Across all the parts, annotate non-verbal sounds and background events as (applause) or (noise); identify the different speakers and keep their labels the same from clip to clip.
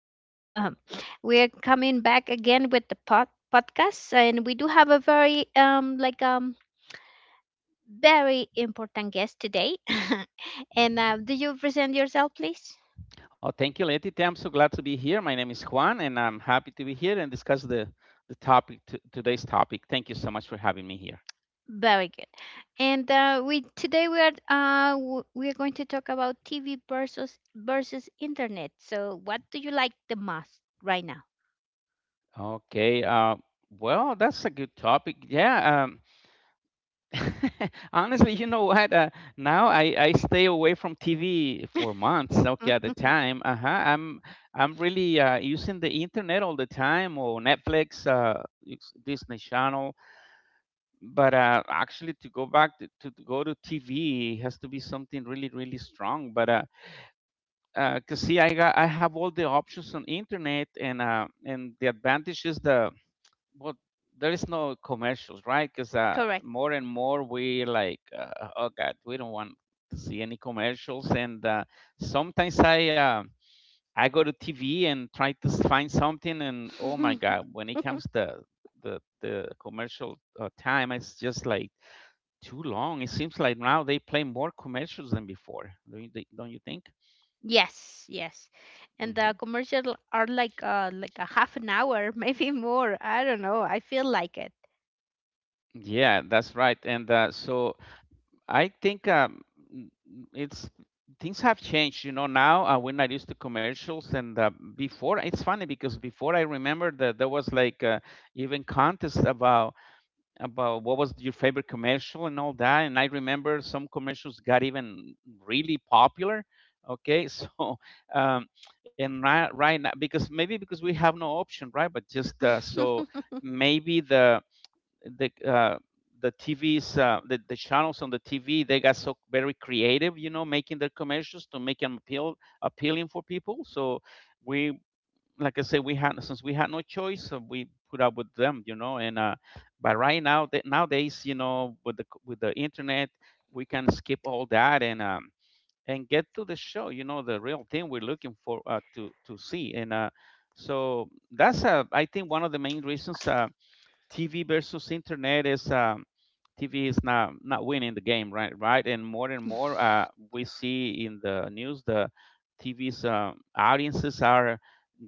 Speaker 1: morning. (laughs) We're coming back again with the podcast, and we do have a very very important guest today. (laughs) and Do you present yourself, please?
Speaker 2: Oh, thank you, Letty. I'm so glad to be here. My name is Juan, and I'm happy to be here and discuss the today's topic. Thank you so much for having me here.
Speaker 1: Very good. And We today we are going to talk about TV versus internet. So, what do you like the most right now?
Speaker 2: Okay. Well, that's a good topic. Yeah. (laughs) Honestly, you know what? Now I stay away from TV for months. Okay, at the
Speaker 1: (laughs)
Speaker 2: time. Uh huh. I'm really using the internet all the time, or Netflix, it's Disney Channel, but actually, to go back to go to TV has to be something really, really strong, but 'cause see I have all the options on internet. And and the advantage is well there is no commercials, right? Because
Speaker 1: Correct.
Speaker 2: more and more we like, oh god, we don't want to see any commercials. And sometimes I go to TV and try to find something, and oh my god, when it
Speaker 1: (laughs)
Speaker 2: comes to the commercial time, it's just like too long. It seems like now they play more commercials than before. Don't you think?
Speaker 1: Yes, yes. And
Speaker 2: Hmm.
Speaker 1: the commercial are like like a half an hour, (laughs) maybe more. I don't know. I feel like it.
Speaker 2: Yeah, that's right. And so I think, it's, things have changed. You know, now we're not used to commercials. And before, it's funny, because before I remember that there was like, even contests about what was your favorite commercial and all that. And I remember some commercials got even really popular. Okay, (laughs) so, um, and right now, because maybe because we have no option, right? But just, so
Speaker 1: (laughs)
Speaker 2: maybe the uh, the TVs, the channels on the TV, they got so very creative, you know, making their commercials to make them appealing for people. So we, like I say, we had, since we had no choice, so we put up with them, you know. And but right now, that nowadays, you know, with the internet, we can skip all that, and get to the show, you know, the real thing we're looking for, to see. And so that's, I think, one of the main reasons. TV versus internet is, TV is not winning the game, right? Right, and more and more, we see in the news, the TV's audiences are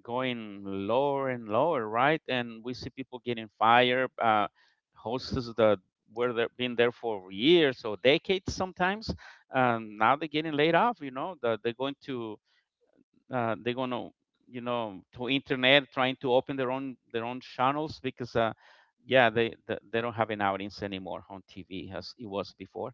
Speaker 2: going lower and lower, right? And we see people getting fired, hosts that were there, been there for years or decades sometimes. Now they're getting laid off. You know, they're going to, they're gonna, you know, to internet, trying to open their own channels, because yeah, they don't have an audience anymore on TV as it was before.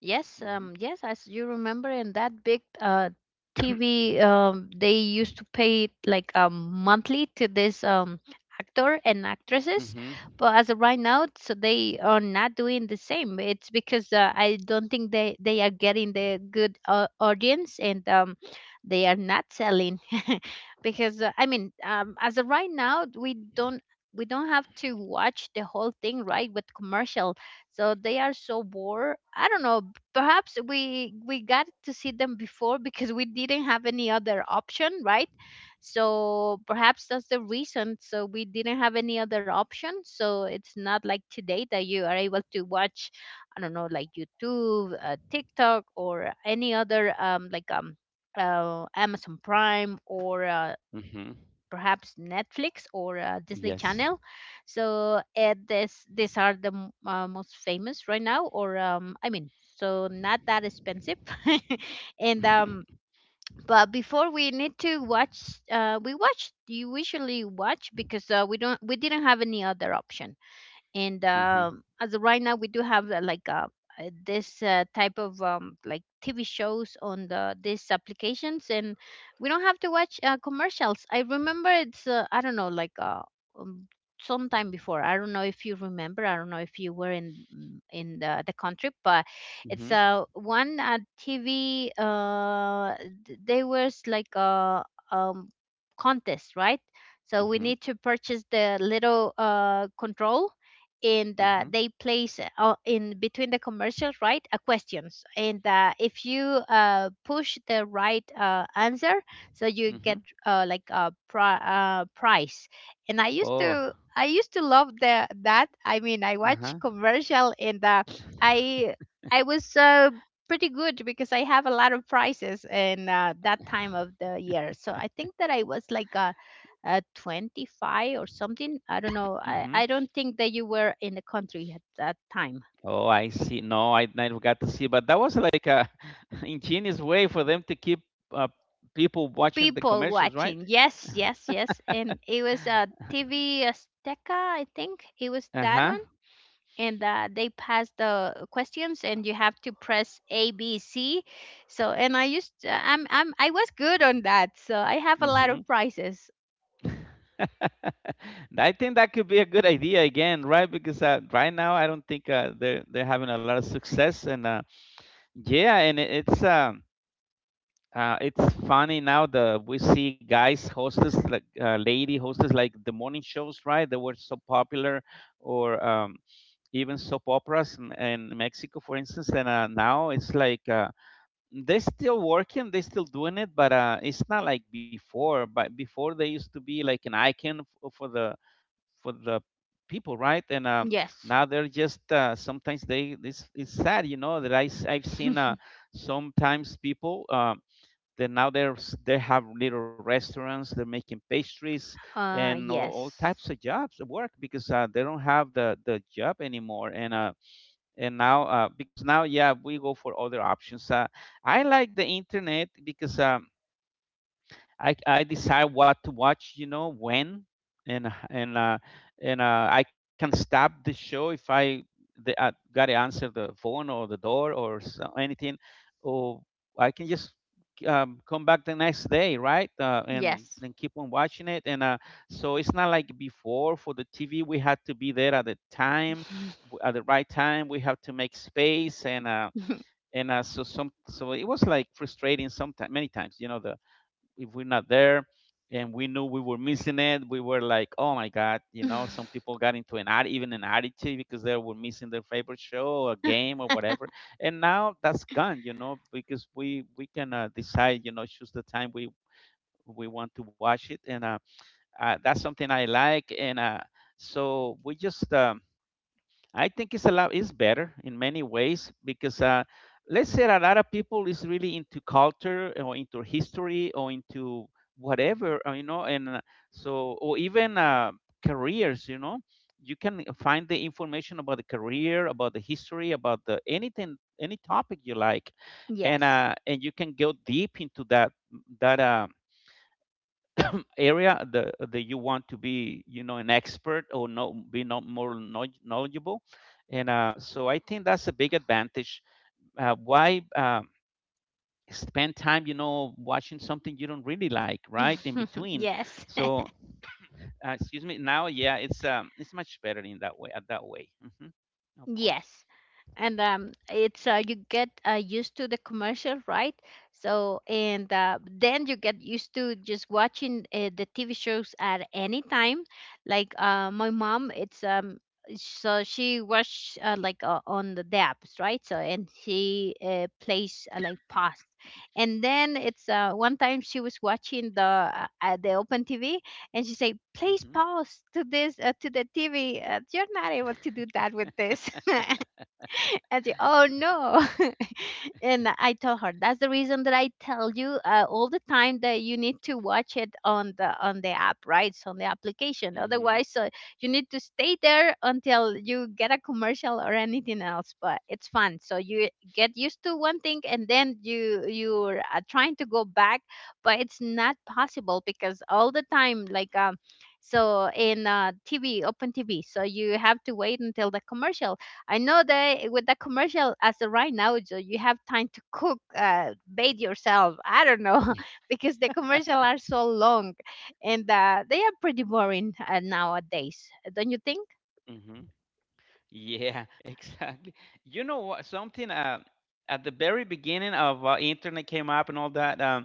Speaker 1: Yes,
Speaker 2: Hmm.
Speaker 1: yes, as you remember in that big TV, they used to pay like monthly to this actor and
Speaker 2: (coughs)
Speaker 1: actresses,
Speaker 2: hmm.
Speaker 1: but as of right now, so they are not doing the same. It's because I don't think they are getting the good audience and they are not selling. (laughs) Because I mean as of right now we don't have to watch the whole thing, right, with commercial, so they are so bored, I don't know. Perhaps we got to see them before because we didn't have any other option, right? So perhaps that's the reason, so we didn't have any other option, so it's not like today that you are able to watch, I don't know, like YouTube, TikTok, or any other Amazon Prime, or
Speaker 2: Hmm.
Speaker 1: perhaps Netflix, or Disney
Speaker 2: Yes.
Speaker 1: Channel. So this these are the most famous right now, or I mean, so not that expensive.
Speaker 2: (coughs)
Speaker 1: (laughs) and
Speaker 2: hmm.
Speaker 1: But before we need to watch, we watch. You usually watch because we didn't have any other option, and
Speaker 2: Hmm.
Speaker 1: um, as of right now we do have, like this type of TV shows on these applications, and we don't have to watch commercials. I remember it's I don't know, like um, sometime before, I don't know if you remember, I don't know if you were in in the country, but it's
Speaker 2: Hmm.
Speaker 1: one TV, they was like a um, contest, right? So we
Speaker 2: Hmm.
Speaker 1: need to purchase the little control, and
Speaker 2: Hmm.
Speaker 1: they place, in between the commercials, right, a questions, and if you push the right answer, so you
Speaker 2: Hmm.
Speaker 1: get uh, like a pri- price. And
Speaker 2: Oh.
Speaker 1: I used to love the that. I mean, I watch
Speaker 2: Uh-huh.
Speaker 1: commercial, and i I was pretty good because I have a lot of prizes in that time of the year, so I think that I was like a 25 or something. I don't know.
Speaker 2: Hmm.
Speaker 1: I don't think that you were in the country at that time.
Speaker 2: Oh, I see. No, I never got to see, but that was like a (laughs) ingenious way for them to keep, uh, people watching the
Speaker 1: People
Speaker 2: commercials, right?
Speaker 1: watching. Yes, yes, yes. And it was TV Azteca, I think. It was that
Speaker 2: Uh-huh.
Speaker 1: one. And they passed the questions, and you have to press A, B, C. So, and I used, I'm, I was good on that. So I have a lot
Speaker 2: Mm-hmm.
Speaker 1: of prizes.
Speaker 2: (laughs) I think that could be a good idea again, right? Because right now I don't think they're having a lot of success. And yeah, and it's, it's funny now, the we see guys hostess, like, lady hostess, like the morning shows, right? They were so popular, or even soap operas in Mexico, for instance. And now it's like, they're still working, they're still doing it, but it's not like before, but before they used to be like an icon for the for the people, right? And
Speaker 1: Yes.
Speaker 2: now they're just, sometimes they it's sad, you know, that I've seen,
Speaker 1: (laughs)
Speaker 2: sometimes people, that now they have little restaurants, they're making pastries, and all types
Speaker 1: Yes.
Speaker 2: of jobs of work, because they don't have the job anymore. And and now, because now, yeah, we go for other options. I like the internet because, I decide what to watch, you know, when, and h- and I can stop the show if gotta answer the phone or the door or so, anything, or I can just, come back the next day, right? And
Speaker 1: Yes.
Speaker 2: keep on watching it. And so it's not like before, for the TV we had to be there at the time, at the right time. We have to make space. And.
Speaker 1: (laughs)
Speaker 2: And So some so it was like frustrating sometimes, many times, you know, the if we're not there, and we knew we were missing it, we were like, oh my god, you know. Some people
Speaker 1: (laughs)
Speaker 2: got into an ad even an attitude because they were missing their favorite show or game or whatever. And now that's gone, you know, because we can, decide, you know, choose the time we want to watch it. And that's something I like. And we just, I think it's a lot, is better in many ways, because let's say a lot of people is really into culture or into history or into whatever, you know. And or even, careers, you know, you can find the information about the career, about the history, about the anything, any topic you like. And
Speaker 1: Yes.
Speaker 2: and you can go deep into that that. Area that you want to be, you know, an expert, or no be not, more knowledgeable. And so I think that's a big advantage. Why Spend time, you know, watching something you don't really like, right, in
Speaker 1: (laughs)
Speaker 2: between.
Speaker 1: Yes. (laughs)
Speaker 2: So, excuse me, now, yeah, it's, it's much better in that way at that way. Hmm. Of course.
Speaker 1: Yes. and It's you get used to the commercial, right? So, and then you get used to just watching the TV shows at any time. Like my mom, it's so she was, on the dapps, right? So, and she plays like past, and then it's one time she was watching the open TV, and she said, please
Speaker 2: Hmm.
Speaker 1: pause to this, to the TV, you're not able to do that with this. (laughs) (laughs) I said, oh no. (laughs) And I told her, that's the reason that I tell you all the time, that you need to watch it on the app, right? So, on the application.
Speaker 2: Hmm.
Speaker 1: Otherwise, you need to stay there until you get a commercial or anything else. But it's fun. So you get used to one thing, and then you're trying to go back, but it's not possible because all the time, so in TV, open TV. So you have to wait until the commercial. I know that with the commercial as of right now, so you have time to cook, bathe yourself, I don't know, (laughs) because the commercial are so long, and they are pretty boring nowadays. Don't you think?
Speaker 2: Hmm. Yeah, (laughs) exactly. You know what, something at the very beginning of, internet came up and all that,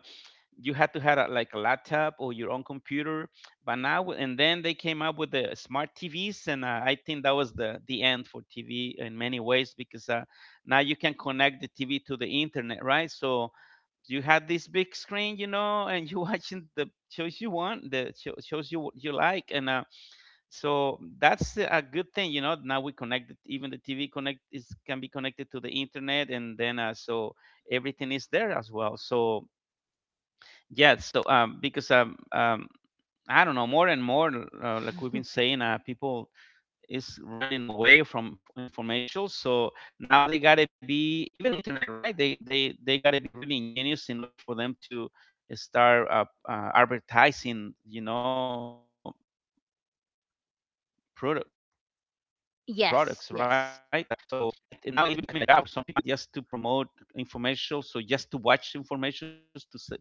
Speaker 2: you had to have a, like a laptop or your own computer. But now and then they came up with the smart TVs. And I think that was the end for TV in many ways, because now you can connect the TV to the internet, right? So you had this big screen, you know, and you (laughs) watching the shows you want, shows you you like. And so that's a good thing, you know, now we even the TV connect is can be connected to the internet. And then, so everything is there as well. So yeah, so, because I don't know, more and more, like we've been saying, people is running away from information. So now they gotta be even on internet, right? They gotta be really ingenious in order for them to start, advertising, you know, products, right? And so I, now
Speaker 1: Yes,
Speaker 2: it's even
Speaker 1: yes,
Speaker 2: becoming a job for some people, right? Just to promote information, so just to watch information, put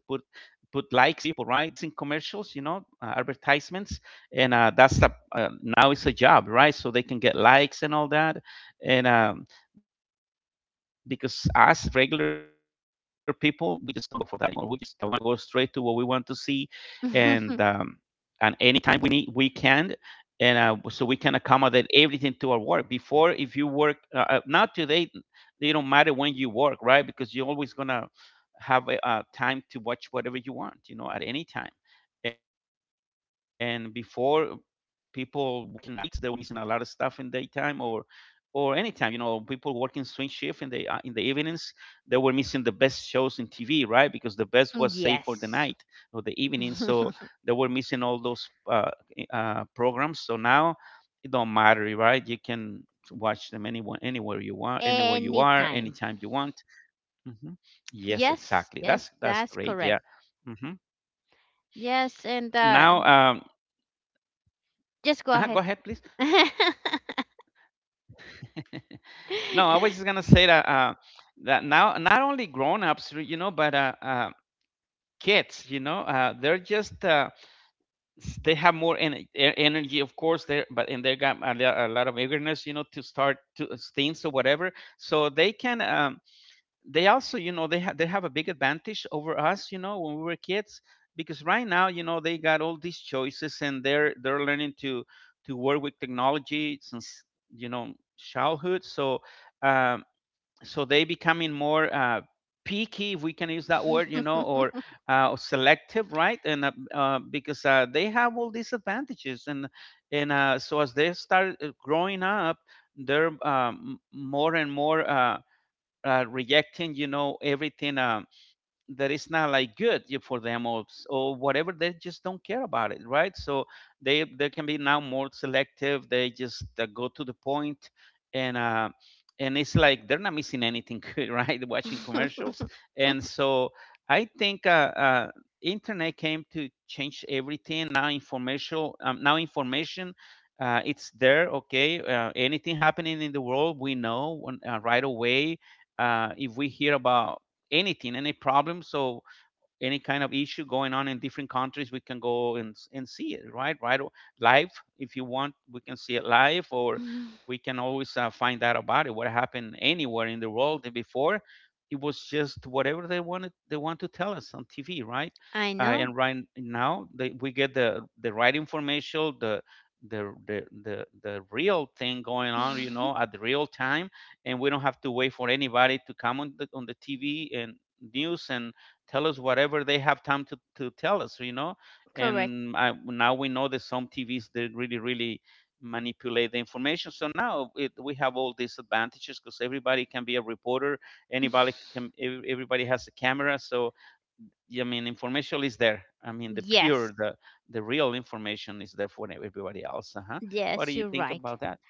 Speaker 2: likes in commercials, you know, advertisements. And now it's a job, right? So they can get likes and all that. And because us regular people, we just don't go for that anymore. We just, want to go straight to what we want to see. And and anytime we need, we
Speaker 1: (laughs)
Speaker 2: can. And so we can accommodate everything to our work. Before, if you work, now today, it don't matter when you work, right? Because you're always gonna have a time to watch whatever you want, you know, at any time. And before, people working nights, they were missing a lot of stuff in daytime, or anytime, you know, people working swing shift in the evenings, they were missing the best shows in TV, right? Because the best was saved for the night or the evening. So
Speaker 1: yes.
Speaker 2: they were missing all those,
Speaker 1: (laughs)
Speaker 2: programs. So now it don't matter, right? You can watch them anyone, anywhere you want, anywhere you are, anytime you want.
Speaker 1: Anytime.
Speaker 2: Hmm. Yes, exactly. That's great.
Speaker 1: Yes,
Speaker 2: Yeah.
Speaker 1: yes, that's
Speaker 2: Hmm.
Speaker 1: correct.
Speaker 2: Now,
Speaker 1: Yes, and
Speaker 2: go ahead, please.
Speaker 1: just go ahead. (laughs) (laughs)
Speaker 2: (laughs) No, I was just gonna say that, now not only grown-ups, you know, but, kids, you know, they have more energy, of course, there. But and they got a, a lot of eagerness, you know, to start to, things or whatever, so they can. They also, you know, they have a big advantage over us, you know, when we were kids, because right now, you know, they got all these choices and they're learning to work with technology since, you know, childhood. So um so they becoming more picky, if we can use that word, you know, or selective, right? And because they have all these advantages, and and so as they start growing up, they're, more and more, rejecting, you know, everything, that it's not like good for them, or whatever. They just don't care about it, right? So they can be now more selective. They just go to the point. And and it's like they're not missing anything, (laughs) right? Watching commercials. And so I think internet came to change everything. Now information, now information, it's there, okay? Anything happening in the world, we know right away. If we hear about anything, any problem. So any kind of issue going on in different countries, we can go and see it right. Right, live. If you want, we can see it live, or we can always find out about it, what happened anywhere in the world. And before, it was just whatever they wanted, they want to tell us on TV, right?
Speaker 1: I know.
Speaker 2: And right now they, we get the right information, the the real thing going on, you
Speaker 1: (laughs)
Speaker 2: know, at the real time. And we don't have to wait for anybody to come on the TV and news and tell us whatever they have time to tell us, you know.
Speaker 1: Correct.
Speaker 2: And I, now we know that some TVs, they really manipulate the information. So now it, we have all these advantages, because everybody can be a reporter, anybody
Speaker 1: (laughs)
Speaker 2: can. Everybody has a camera. So yeah, I mean, information is there. I mean, the
Speaker 1: Yes.
Speaker 2: pure, the real information is there for everybody else. Uh-huh. What
Speaker 1: Yes,
Speaker 2: do you
Speaker 1: you're
Speaker 2: think
Speaker 1: right.
Speaker 2: about that?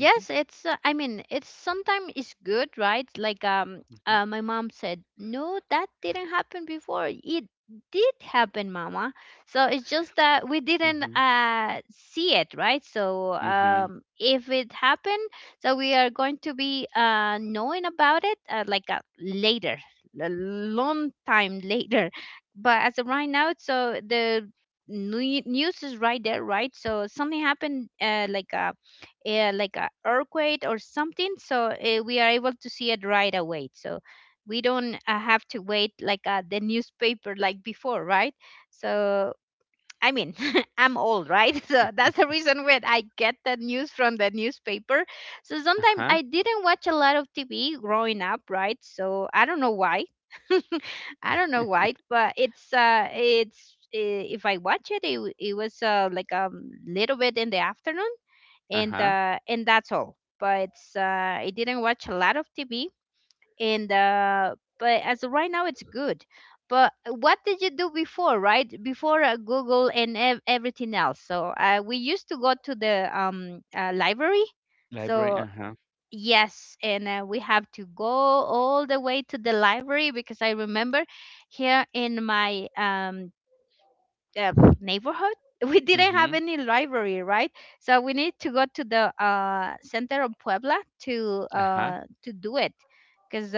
Speaker 2: Mm-hmm.
Speaker 1: it's I mean, it's sometimes it's good, right? Like
Speaker 2: Mm-hmm.
Speaker 1: my mom said, "No, that didn't happen before. It did happen, mama." So it's just that we didn't
Speaker 2: Mm-hmm.
Speaker 1: see it, right? So
Speaker 2: Mm-hmm.
Speaker 1: if it happened, so we are going to be knowing about it, later, a long time (laughs) later. But as of right now, so the news is right there, right? So something happened, like a earthquake or something, so we are able to see it right away, so we don't have to wait like the newspaper like before, right? So I mean, (laughs) I'm old, right? (laughs) So that's the reason when I get the news from the newspaper, so sometimes
Speaker 2: Uh-huh.
Speaker 1: I didn't watch a lot of TV growing up, right? So I don't know why. (laughs) I don't know why, but it's if I watch it, it was like a little bit in the afternoon,
Speaker 2: Uh-huh.
Speaker 1: and that's all. But I didn't watch a lot of TV, and but as of right now, it's good. But what did you do before, right? Before Google and everything else. So we used to go to the library.
Speaker 2: Library.
Speaker 1: So
Speaker 2: Uh-huh.
Speaker 1: yes, and we have to go all the way to the library because I remember here in my uh, neighborhood. (laughs) We didn't have
Speaker 2: Mm-hmm.
Speaker 1: any library, right? So we need to go to the center of Puebla
Speaker 2: Uh-huh.
Speaker 1: to do it, because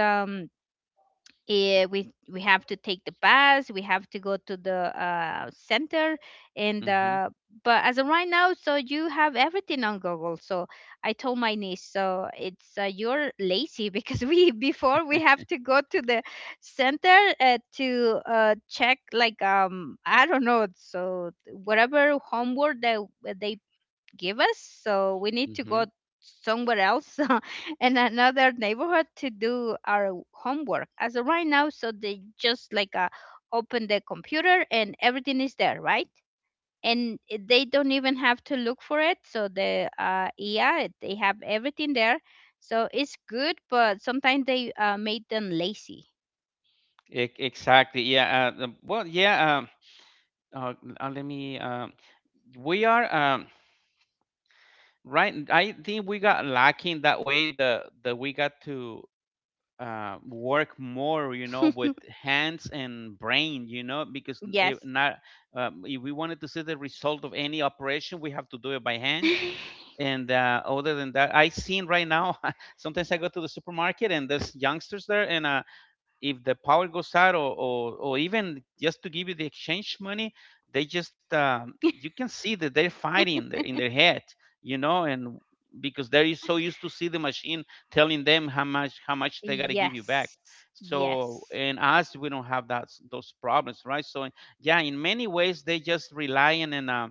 Speaker 1: we have to take the bus, we have to go to the center, and
Speaker 2: Mm-hmm.
Speaker 1: but as of right now, so you have everything on Google. So I told my niece, so it's you're lazy (laughs) because we before we have to go to the center to check, like I don't know, so whatever homework that they give us. So we need to
Speaker 2: Mm-hmm.
Speaker 1: go somewhere else (laughs) in another neighborhood to do our homework. As of right now, so they just like open the computer and everything is there, right? And they don't even have to look for it. So the yeah, they have everything there. So it's good, but sometimes they made them lazy.
Speaker 2: Exactly. Yeah. Well, yeah. Uh, Let me. We are, right. I think we got lacking that way. The that we got to work more, you know,
Speaker 1: (laughs)
Speaker 2: with hands and brain. You know, because if
Speaker 1: Yes.
Speaker 2: not, if we wanted to see the result of any operation, we have to do it by hand.
Speaker 1: (laughs)
Speaker 2: And other than that, I seen right now. (laughs) Sometimes I go to the supermarket and there's youngsters there, and if the power goes out, or even just to give you the exchange money, they just, you can see that they're fighting in their head, you know. And because they're so used to see the machine telling them how much, how much they got to give you back.
Speaker 1: Yes.
Speaker 2: So
Speaker 1: Yes.
Speaker 2: and us, we don't have that, those problems, right? So yeah, in many ways they just relying on uh,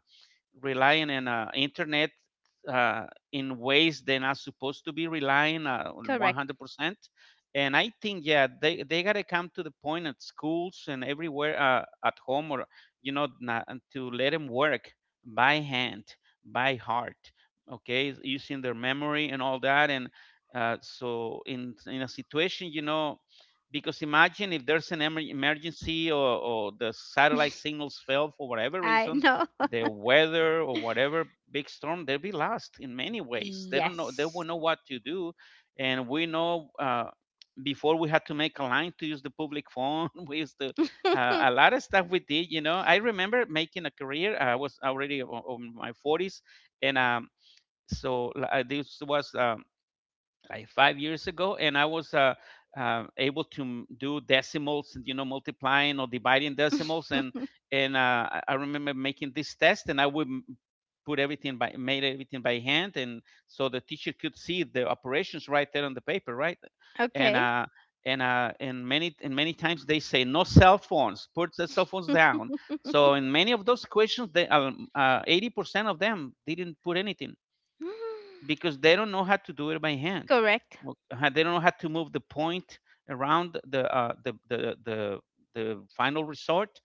Speaker 2: relying on uh, internet, uh, in ways they're not supposed to be relying on
Speaker 1: Correct.
Speaker 2: 100%. And I think, yeah, they got to come to the point at schools and everywhere, at home, or, you know, to let them work by hand, by heart, okay, using their memory and all that. And so in a situation, you know, because imagine if there's an emergency, or the satellite
Speaker 1: (laughs)
Speaker 2: signals fail for whatever
Speaker 1: I
Speaker 2: reason,
Speaker 1: know.
Speaker 2: the weather or whatever big storm, they'll be lost in many ways. They don't know. They
Speaker 1: Yes.
Speaker 2: will know what to do, and we know. Before we had to make a line to use the public phone. (laughs) We used to,
Speaker 1: (laughs)
Speaker 2: a lot of stuff we did, you know. I remember making a career, I was already on my 40s, and so this was like 5 years ago, and I was able to do decimals, you know, multiplying or dividing decimals, and I remember making this test, and I would put everything by made everything by hand, and so the teacher could see the operations right there on the paper, right, and
Speaker 1: Okay.
Speaker 2: uh. And many times they say no cell phones, put the cell phones down. So in many of those questions, they, 80% of them didn't put anything
Speaker 1: (laughs)
Speaker 2: because they don't know how to do it by hand.
Speaker 1: Correct.
Speaker 2: Well, they don't know how to move the point around the, the final resort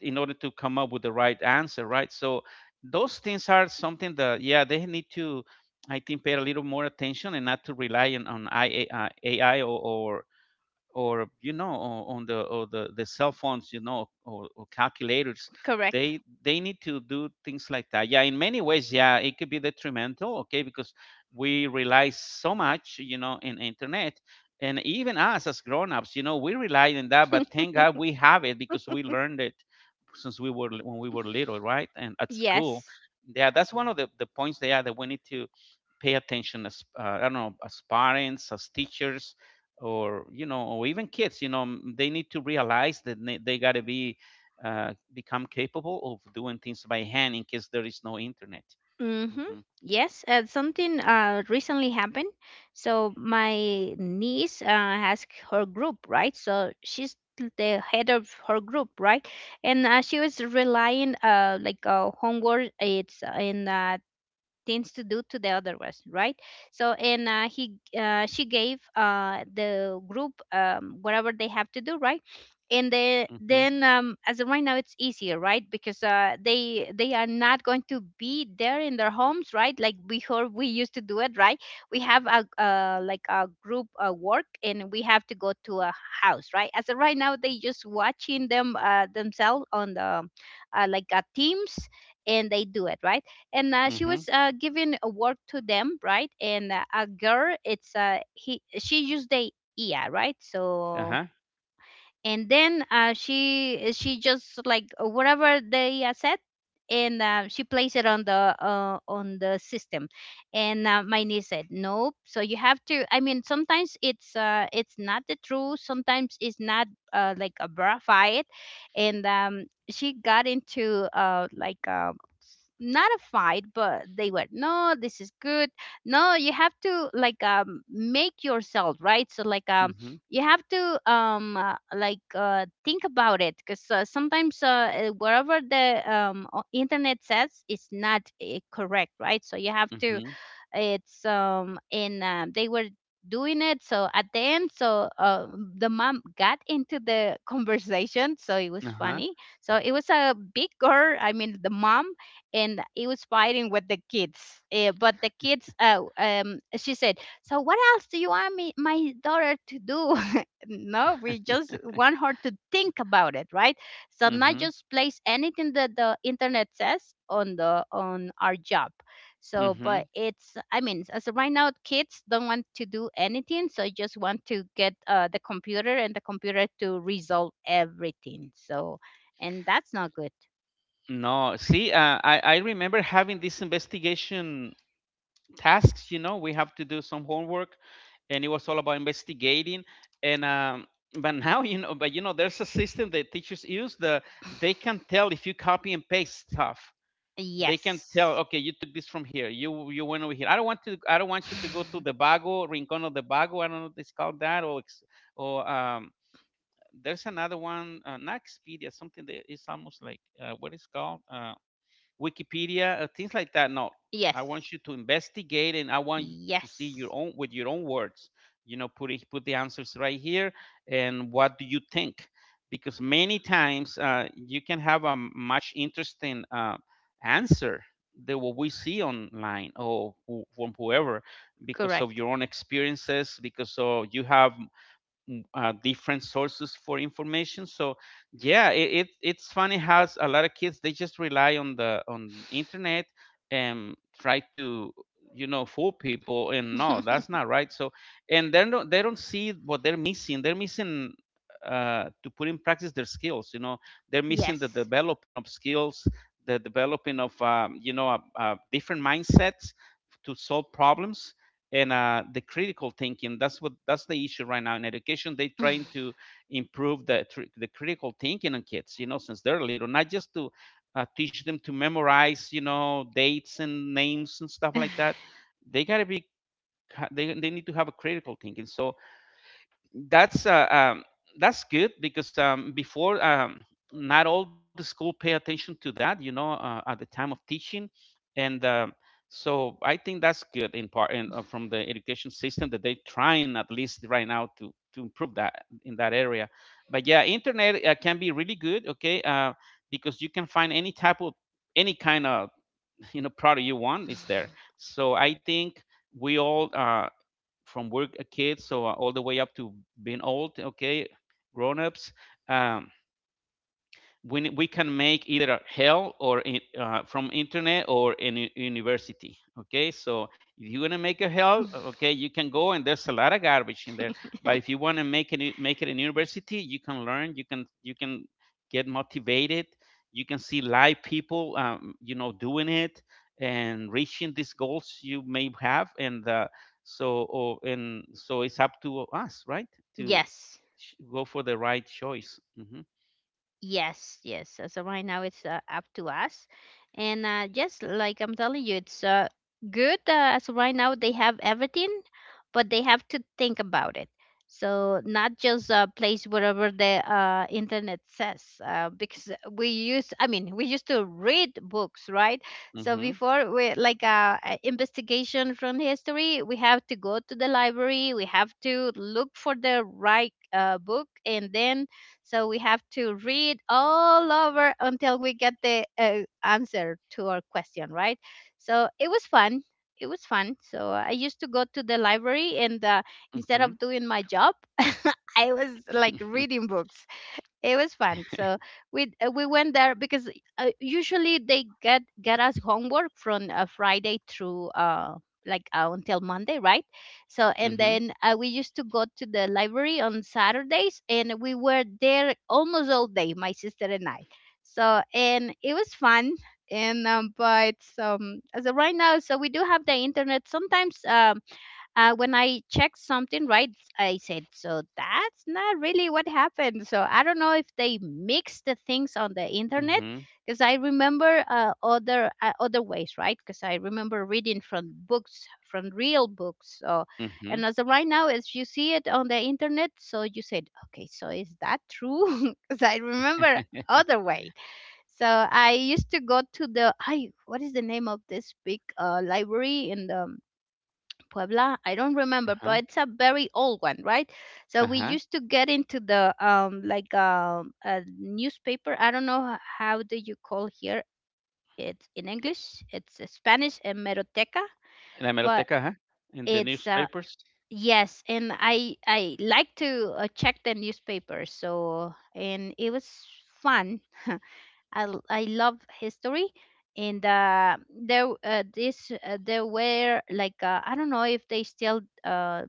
Speaker 2: in order to come up with the right answer, right? So those things are something that, yeah, they need to, I think, pay a little more attention, and not to rely on IA, AI, or, you know, on the, or the, the cell phones, you know, or calculators.
Speaker 1: Correct.
Speaker 2: They need to do things like that. Yeah, in many ways, yeah, it could be detrimental, okay, because we rely so much, you know, in internet. And even us as grown-ups, you know, we rely on that, but thank god
Speaker 1: (laughs)
Speaker 2: we have it, because we learned it since we were, when we were little, right, and at school.
Speaker 1: Yes.
Speaker 2: Yeah, that's one of the points there that we need to pay attention as, I don't know, as parents, as teachers, or, you know, or even kids. You know, they need to realize that they got to be, become capable of doing things by hand in case there is no internet.
Speaker 1: Mm-hmm.
Speaker 2: Mm-hmm.
Speaker 1: Yes, something recently happened. So my niece has her group, right? So she's the head of her group, right? And she was relying homework. It's in Things to do to the other ones, right? So, and he she gave the group whatever they have to do, right? And
Speaker 2: Mm-hmm.
Speaker 1: then as of right now, it's easier, right, because they are not going to be there in their homes, right, like before we used to do it, right? We have a like a group work, and we have to go to a house, right? As of right now, they just watching themselves on the teams, and they do it, right? And she
Speaker 2: Mm-hmm.
Speaker 1: was giving a work to them, right? And a girl it's he she used the IA, right? So,
Speaker 2: Uh-huh.
Speaker 1: and then she just like whatever they said, and she placed it on the system. And my niece said, nope, so you have to, I mean, sometimes it's not the truth, sometimes it's not like a verified. And she got into not a fight, but they were, no, this is good, no, you have to, like, make yourself, right? So, like,
Speaker 2: Mm-hmm.
Speaker 1: you have to, think about it, because sometimes whatever the internet says is not correct, right? So you have to,
Speaker 2: Mm-hmm.
Speaker 1: it's and they were doing it. So at the end, so the mom got into the (laughs) conversation. So it was
Speaker 2: Uh-huh.
Speaker 1: funny. So it was a big girl. I mean, the mom and it was fighting with the kids. But the kids. She said, "So what else do you want me, my daughter, to do?" (laughs) No, we just want her to think about it, right? So not
Speaker 2: Mm-hmm.
Speaker 1: just place anything that the internet says on the on our job. So,
Speaker 2: Mm-hmm.
Speaker 1: but I mean, as of right now, kids don't want to do anything. So, just want to get the computer and the computer to resolve everything. So, and that's not good.
Speaker 2: No, see, I remember having this investigation tasks, you know. We have to do some homework, and it was all about investigating. And but (laughs) now, you know, but you know, there's a system that teachers use, the they can tell if you copy and paste stuff. They can tell,
Speaker 1: Yes.
Speaker 2: okay, you took this from here, you went over here. I don't want to, I don't want you to go to
Speaker 1: (laughs)
Speaker 2: the
Speaker 1: (sighs)
Speaker 2: bago rincon of the bago, I don't know what it's called, that or or um there's another one, not Expedia, something that is almost like, what is called, Wikipedia, things like that. No, I
Speaker 1: Yes.
Speaker 2: want you to investigate, and I want you to see your
Speaker 1: Yes.
Speaker 2: own with your own words. You know, put it, put the answers right here, and what do you think? Because many times you can have a much interesting answer than what we see online, or from whoever, because of
Speaker 1: Correct.
Speaker 2: your own experiences, because of you have different sources for information. So yeah, it it's funny how a lot of kids, they just rely on the, on internet, and try to, you know, fool people. And no, that's
Speaker 1: (laughs)
Speaker 2: not right. So and they don't, they don't see what they're missing. They're missing, to put in practice their skills, you know. They're missing the
Speaker 1: Yes.
Speaker 2: developing of skills, the developing of, you know, different mindsets to solve problems, and the critical thinking. That's what, that's the issue right now in education. They're trying to improve the critical thinking on kids, you know, since they're little, not just to teach them to memorize, you know, dates and names and stuff like that.
Speaker 1: (sighs)
Speaker 2: They got to be, they need to have a critical thinking. So that's uh, um, that's good, because, before, not all the school pay attention to that, you know, at the time of teaching. And so I think that's good in part in, from the education system, that they trying at least right now to improve that in that area. But yeah, internet can be really good, okay, because you can find any type of, any kind of (laughs) you know, product you want is there. So I think we all, from work, a kids, so all the way up to being old, okay, grown-ups, um, we can make either hell or in, from internet or in university, okay? So if you want to make a hell, okay, you can go, and there's a lot of garbage in there. But if you want to make it, make it in university, you can learn. You can, you can get motivated. You can see live people, you know, doing it and reaching these goals you may have. And and so it's up to us, right, to
Speaker 1: Yes.
Speaker 2: go for the right choice. Hmm.
Speaker 1: Yes, yes. As of right now, it's up to us. And just like I'm telling you, it's good. As of right now, they have everything, but they have to think about it. So not just place whatever the internet says, because I mean, we used to read books, right? So
Speaker 2: Hmm.
Speaker 1: before we a investigation from history, we have to go to the library, we have to look for the right book, and then so we have to read all over until we get the answer to our question, right? So it was fun. It was fun. So I used to go to the library and instead
Speaker 2: Hmm.
Speaker 1: of doing my job, (laughs) I was like reading
Speaker 2: (laughs)
Speaker 1: books it was fun. So we went there because usually they get us homework from Friday through until Monday, right? So and
Speaker 2: Mhm,
Speaker 1: then we used to go to the library on Saturdays, and we were there almost all day, my sister and I. So and it was fun. And But as of right now, so we do have the internet. Sometimes when I checked something right, I said, so that's not really what happened. So I don't know if they mixed the things on the internet
Speaker 2: mhm,
Speaker 1: because I remember other ways, right? Because I remember reading from books, from real books. So, and
Speaker 2: mhm.
Speaker 1: as of right now, as you see it on the internet, so you said, okay, so is that true? (laughs) Because I remember
Speaker 2: (laughs)
Speaker 1: other way. So I used to go to the I what is the name of this big library in the Puebla. I don't remember,
Speaker 2: Uh-huh,
Speaker 1: but it's a very old one, right? So we
Speaker 2: uh-huh.
Speaker 1: used to get into the a newspaper. I don't know how do you call here. It's in English. It's a Spanish hemeroteca,
Speaker 2: La
Speaker 1: but
Speaker 2: hemeroteca, ajá. In the
Speaker 1: it's
Speaker 2: newspapers.
Speaker 1: yes, and I like to check the newspaper. So and it was fun. (laughs) I love history and there were I don't know if they still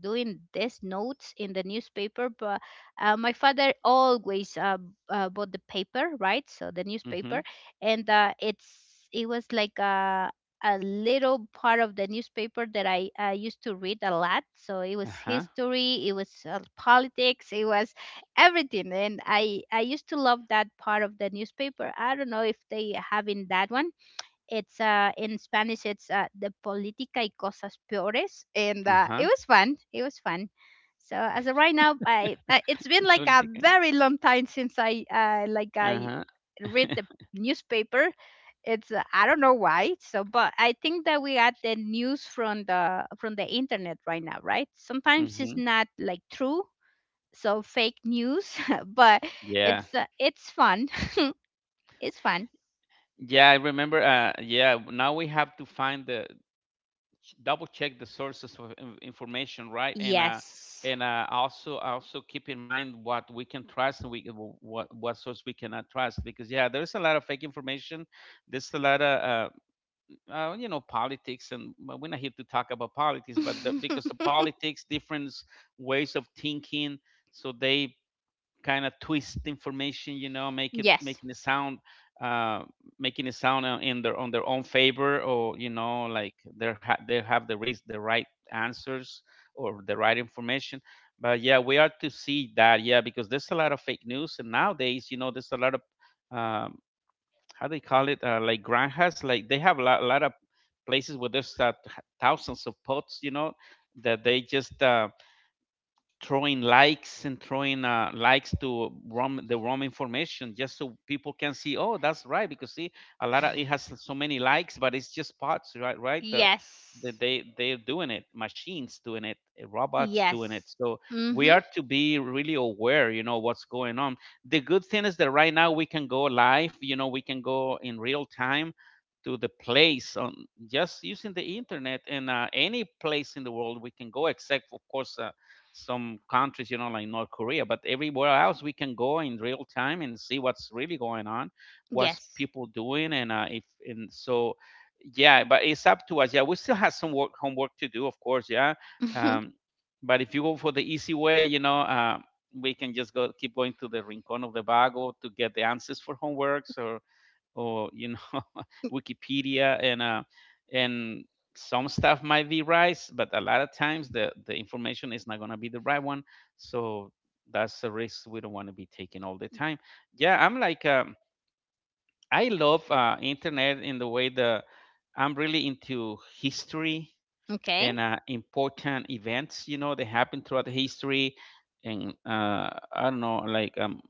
Speaker 1: doing these notes in the newspaper but my father always bought the paper right so the newspaper
Speaker 2: Mhm.
Speaker 1: and it was like a little part of the newspaper that I used to read a lot. So it was
Speaker 2: Ajá,
Speaker 1: history, it was politics, it was everything, and I used to love that part of the newspaper. I don't know if they have in that one it's in Spanish. It's the política y cosas peores, and it
Speaker 2: ajá.
Speaker 1: was fun. It was fun. So as of right now, I it's been
Speaker 2: (laughs)
Speaker 1: like a
Speaker 2: Soltica.
Speaker 1: very long time since I
Speaker 2: Ajá. Mhm.
Speaker 1: read the
Speaker 2: (laughs)
Speaker 1: newspaper. It's I don't know why. So, but I think that we got the news from the internet right now, right? Sometimes it's
Speaker 2: (laughs)
Speaker 1: not like true, so fake news, (laughs) but
Speaker 2: Yeah.
Speaker 1: it's fun. (laughs) It's fun.
Speaker 2: Yeah, I remember, yeah, now we have to find the, double check the sources of information, right? And
Speaker 1: Yes.
Speaker 2: also, also keep in mind what we can trust, and we what source we cannot trust, because yeah, there's a lot of fake information. There's a lot of politics and but we're not here to talk about politics, but because of
Speaker 1: (laughs)
Speaker 2: politics different ways of thinking, so they kind of twist information, make it
Speaker 1: Yes.
Speaker 2: making it sound uh, in their own favor. Or you know Like they have the right answers or the right information. But yeah, we are to see that. Yeah, because there's a lot of fake news. And nowadays, you know, there's a lot of um, how do they call it, like granjas, like they have a lot of places where there's thousands of pots, you know, that they just throwing likes and throwing likes to the wrong information, just so people can see, oh, that's right, because see a lot of it has so many likes, but it's just bots, right? Right. the, the
Speaker 1: Yes.
Speaker 2: they they're doing it. Machines doing it. Robots doing it.
Speaker 1: Yes.
Speaker 2: So we
Speaker 1: Mm-hmm.
Speaker 2: are to be really aware, you know, what's going on. The good thing is that right now we can go live, you know. We can go in real time to the place on just using the internet. And any place in the world we can go, except of course some countries, you know, like North Korea. But everywhere else we can go in real time and see what's really going on, what's
Speaker 1: Yes.
Speaker 2: people doing. And if, and so, yeah. But it's up to us. Yeah, we still have some work homework to do, of course. Yeah,
Speaker 1: Mhm.
Speaker 2: um, but if you go for the easy way, you know. We can just go keep going to the Rincon of the Vago to get the answers for homeworks, or you know, (laughs) Wikipedia. And and some stuff might be right, but a lot of times the information is not going to be the right one. So that's a risk we don't want to be taking all the time. Yeah, I'm like, I love internet in the way the I'm really into history
Speaker 1: Okay.
Speaker 2: and important events. You know, they happen throughout the history. And I don't know, like um,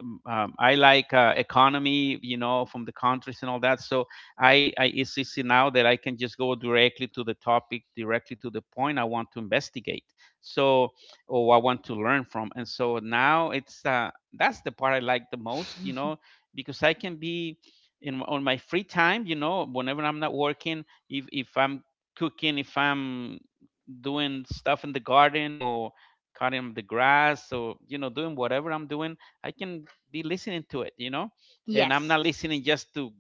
Speaker 2: um, um, I like economy, you know, from the countries and all that. So I it's easy now that I can just go directly to the topic, directly to the point I want to investigate. So or I want to learn from. And so now it's that's the part I like the most, you know,
Speaker 1: (laughs)
Speaker 2: because I can be in on my free time, you know, whenever I'm not working, if I'm cooking, if I'm doing stuff in the garden or cutting the grass, or you know, doing whatever I'm doing, I can be listening to it, you know. And I'm
Speaker 1: Yes.
Speaker 2: not listening just to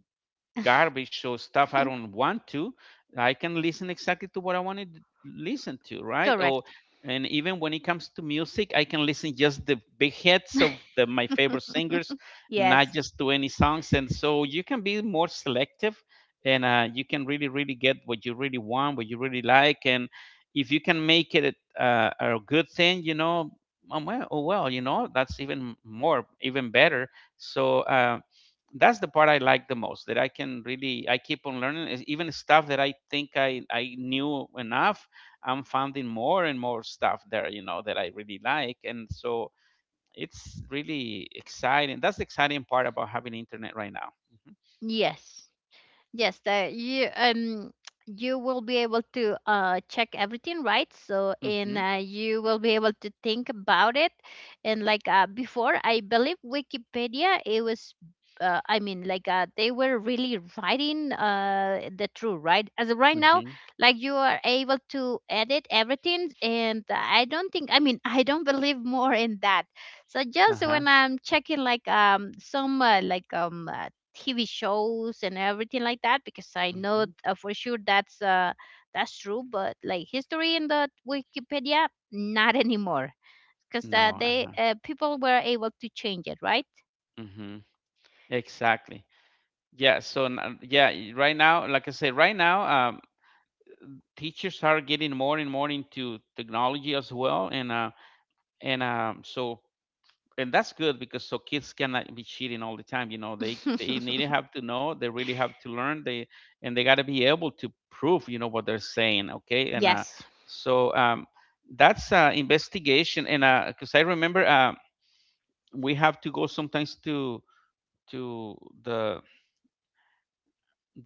Speaker 2: garbage or stuff I don't
Speaker 1: (laughs)
Speaker 2: want to. I can listen exactly to what I want to listen to, right? Or
Speaker 1: Correct.
Speaker 2: and even when it comes to music, I can listen just the big hits of
Speaker 1: (laughs)
Speaker 2: my favorite singers, not
Speaker 1: Yes.
Speaker 2: just to any songs. And so you can be more selective. And you can really, really get what you really want, what you really like. And if you can make it a good thing, you know, oh well, you know, that's even more, even better. So that's the part I like the most, that I can really, I keep on learning. Is even stuff that I think I knew enough, I'm finding more and more stuff there, you know, that I really like. And so it's really exciting. That's the exciting part about having internet right now.
Speaker 1: Yes. Yes, you will be able to check everything right. So and
Speaker 2: Mhm.
Speaker 1: you will be able to think about it. And before, I believe Wikipedia it was. I mean, they were really writing the truth, right? As of right now,
Speaker 2: Mhm.
Speaker 1: like you are able to edit everything, and I don't think, I mean, I don't believe more in that. So just
Speaker 2: Uh-huh.
Speaker 1: when I'm checking, like TV shows and everything like that because I know
Speaker 2: Mhm.
Speaker 1: for sure that's true. But like history in the Wikipedia, not (laughs) anymore because
Speaker 2: No.
Speaker 1: they
Speaker 2: Uh-huh.
Speaker 1: people were able to change it, right?
Speaker 2: Mhm. Exactly. Yeah, right now, like I said, right now, teachers are getting more and more into technology as well. And and um, so that's good, because so kids cannot be cheating all the time, you know. They need to
Speaker 1: (laughs)
Speaker 2: have to know, they really have to learn. They And they got to be able to prove, you know, what they're saying, okay? And
Speaker 1: Yes.
Speaker 2: so um that's investigation. And because I remember we have to go sometimes to the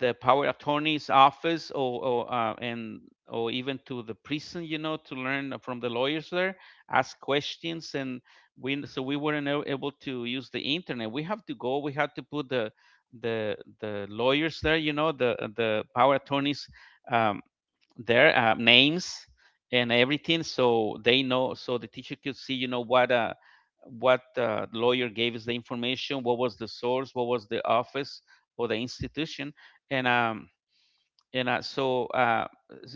Speaker 2: the power attorney's office, or even to the prison, you know, to learn from the lawyers there, ask questions. And we, so we weren't able to use the internet. We have to go, we had to put the lawyers there, you know, the power attorneys, um, their names and everything, so they know, so the teacher could see, you know, what lawyer gave us the information, what was the source, what was the office or the institution. and um and uh, so uh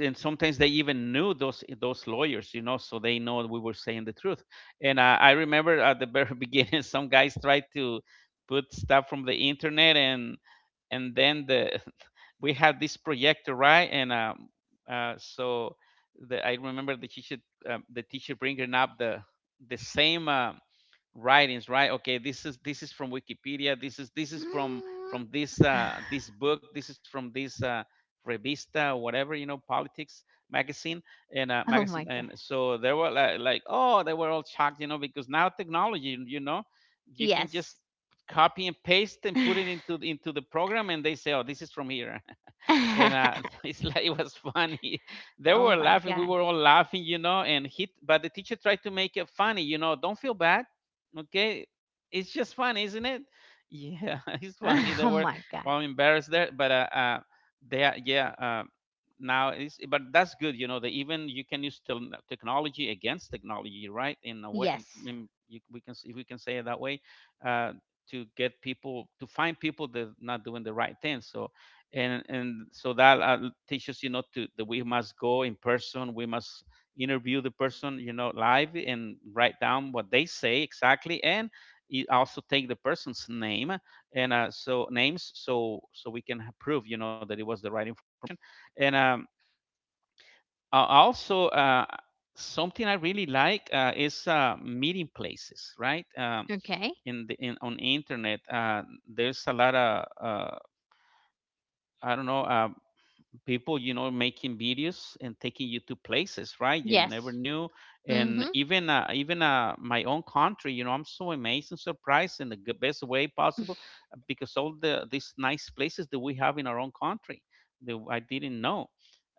Speaker 2: and sometimes they even knew those lawyers, you know, so they know we were saying the truth. And I remember at the very (laughs) beginning, some guys tried to put stuff from the internet. And then the (laughs) we had this projector, right? And uh, so I remember the teacher, the teacher bringing up the same writings, right? Okay, this is from Wikipedia, this is from
Speaker 1: Mm.
Speaker 2: this
Speaker 1: (sighs)
Speaker 2: this book, this is from this revista, or whatever, you know, politics magazine. And
Speaker 1: Oh my
Speaker 2: Magazine.
Speaker 1: god.
Speaker 2: And so they were like, oh, they were all shocked, you know, because now technology, you know, you can just
Speaker 1: Yes.
Speaker 2: copy and paste and put it
Speaker 1: (laughs)
Speaker 2: into the program, and they say, oh, this is from here. And (laughs) it's like, it was funny. (laughs) They
Speaker 1: Oh
Speaker 2: were
Speaker 1: my
Speaker 2: laughing. We were
Speaker 1: god.
Speaker 2: all laughing, you know. But the teacher tried to make it funny, you know. Don't feel bad, okay? It's just funny, isn't it? Yeah, (laughs) it's funny.
Speaker 1: (laughs)
Speaker 2: They
Speaker 1: Oh
Speaker 2: were
Speaker 1: my god.
Speaker 2: all embarrassed there. But they, are- yeah, now it's But that's good, you know. That even you can use technology against technology, right? In a way, I
Speaker 1: Yes.
Speaker 2: mean, we can if we can say it that way, uh, to get people, to find people that not doing the right thing. So and so that teaches, you know, to that we must go in person, we must interview the person, you know, live, and write down what they say exactly. And it also take the person's name. And names, so so we can prove, you know, that it was the right information. And Also, something I really like, is meeting places, right?
Speaker 1: Okay.
Speaker 2: In the in on internet, there's a lot of I don't know, people, you know, making videos and taking you to places, right, you never
Speaker 1: Yes.
Speaker 2: knew. And
Speaker 1: Mhm.
Speaker 2: even my own country, you know, I'm so amazed and surprised in the best way possible, because all the these nice places that we have in our own country that I didn't know.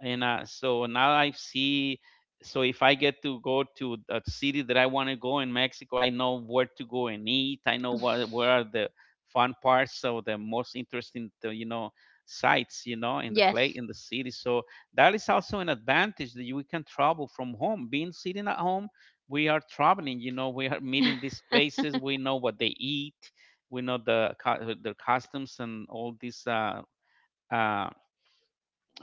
Speaker 2: And so now I see, so if I get to go to a city that I want to go in Mexico, I know where to go and eat, I know what where are the fun parts, so the most interesting you know, sites, you know, in the play
Speaker 1: Yes.
Speaker 2: in the city. So that is also an advantage, that we can travel from home, being sitting at home, we are traveling, you know, we are meeting these
Speaker 1: (laughs)
Speaker 2: places, we know what they eat, we know the their customs and all these uh,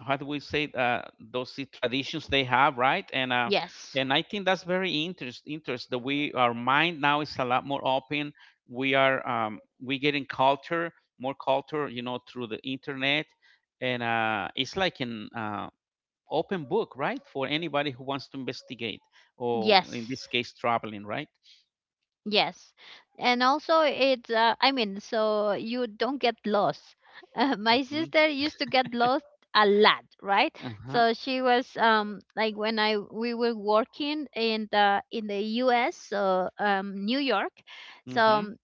Speaker 2: how do we say, those traditions they have, right? And
Speaker 1: Yes.
Speaker 2: and I think that's very interest that we, our mind now is a lot more open. We are we getting culture, more culture, you know, through the internet. And it's like an open book, right, for anybody who wants to investigate, or in
Speaker 1: Yes.
Speaker 2: this case, traveling, right?
Speaker 1: Yes. And also it's I mean so you don't get lost. (laughs) My
Speaker 2: Mm-hmm.
Speaker 1: sister used to get lost a lot, right?
Speaker 2: Uh-huh.
Speaker 1: So she was like when I we were working in the US, so New York. So
Speaker 2: Mm-hmm.
Speaker 1: um,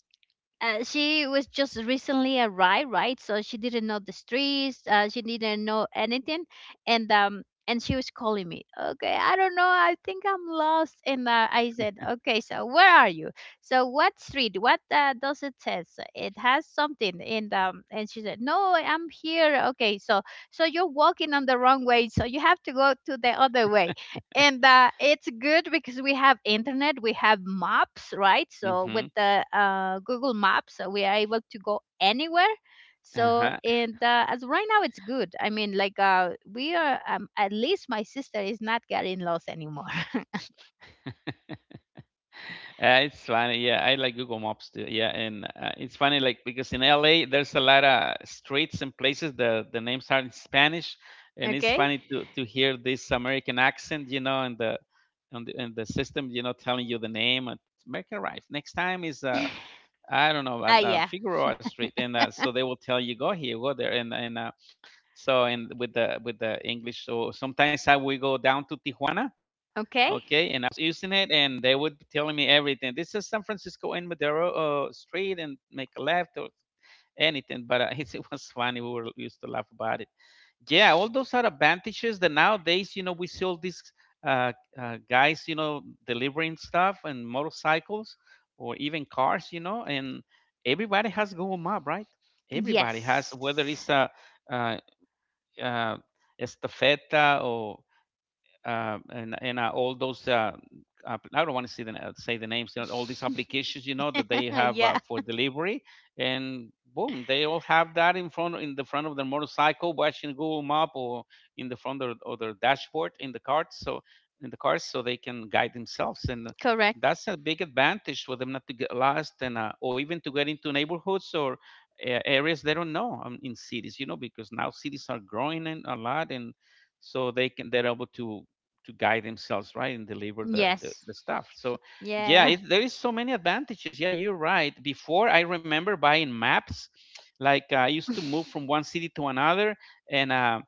Speaker 1: uh, she was just recently arrived, right? So she didn't know the streets. She didn't know anything, and she was calling me. Okay, I don't know. I think I'm lost. And I said, okay, so where are you? So what street? What does it says? It has something. And she said, no, I'm here. Okay, so so you're walking on the wrong way. So you have to go to the other way and it's good because we have internet we have maps right so
Speaker 2: Mm-hmm.
Speaker 1: with the Google Maps we are able to go anywhere so
Speaker 2: Uh-huh.
Speaker 1: and as right now it's good I mean we are at least my sister is not getting lost anymore.
Speaker 2: It's funny, yeah. I like Google Maps too, yeah. And it's funny, like because in LA there's a lot of streets and places, the names are in Spanish. And it's
Speaker 1: (laughs) Okay.
Speaker 2: funny to hear this American accent, you know, and the on the and the system, you know, telling you the name. And American, right, next time is I don't know.
Speaker 1: Ah yeah.
Speaker 2: Figaro Street. And so they will tell you, go here, go there. And with the English. So sometimes I will go down to Tijuana, okay, and
Speaker 1: Okay.
Speaker 2: I was using it, and they would be telling me everything. This is San Francisco and Madero Street, and make a left or anything. But (laughs) it was funny. We were used to laugh about it, yeah. All those are advantages that nowadays, you know, we see all these uh, guys, you know, delivering stuff and motorcycles or even cars, you know. And everybody has Google Map, right? Everybody has,
Speaker 1: Yes.
Speaker 2: whether it's uh uh estafeta or and all those I don't want to say say the names. You know, all these
Speaker 1: (laughs)
Speaker 2: applications, you know, that they have
Speaker 1: Yeah.
Speaker 2: for delivery, and boom, they all have that in front, in the front of their motorcycle, watching Google Map, or in the front of their dashboard in the cart, so in the cars, so they can guide themselves. And
Speaker 1: Correct.
Speaker 2: that's a big advantage for them not to get lost, and or even to get into neighborhoods or areas they don't know, in cities, you know, because now cities are growing and a lot. And they're able to guide themselves, right, and deliver
Speaker 1: Yes.
Speaker 2: the stuff. So yeah,
Speaker 1: Yeah.
Speaker 2: there is so many advantages. Yeah, you're right. Before, I remember buying maps, like, I used to move
Speaker 1: (laughs)
Speaker 2: from one city to another. And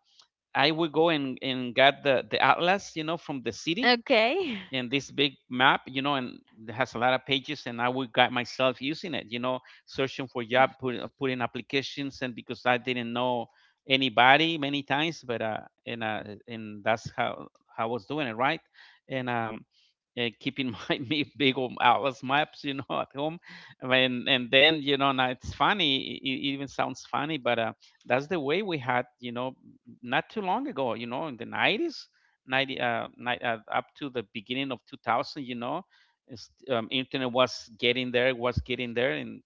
Speaker 2: I would go and get the atlas, you know, from the city
Speaker 1: Okay.
Speaker 2: in this big map, you know. And it has a lot of pages, and I would got myself using it, you know, searching for job, putting applications, and because I didn't know anybody many times. But and uh, and that's how I was doing it, right? And keeping (laughs) my me big old atlas maps, you know, (laughs) at home. And then, you know, now it's funny. It even sounds funny. But that's the way we had, you know, not too long ago, you know, in the 90s, up to the beginning of 2000, you know. Internet was getting there, and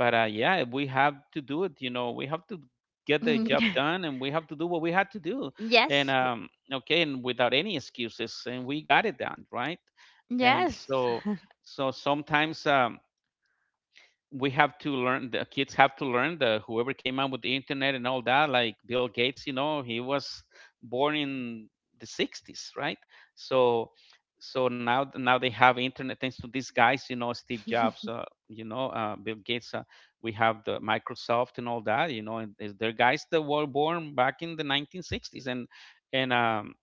Speaker 2: but yeah, we have to do it, you know. We have to get the job
Speaker 1: (laughs)
Speaker 2: done, and we have to do what we had to do. And
Speaker 1: Yes.
Speaker 2: okay, and without any excuses, and we got it done, right? And
Speaker 1: Yes.
Speaker 2: so, so sometimes, we have to learn, the kids have to learn, the whoever came out with the internet and all that, like Bill Gates, you know. He was born in the 60s, right? So, now, they have internet thanks to these guys, you know, Steve Jobs, you know, Bill Gates, we have the Microsoft and all that, you know. And they're guys that were born back in the 1960s. And and um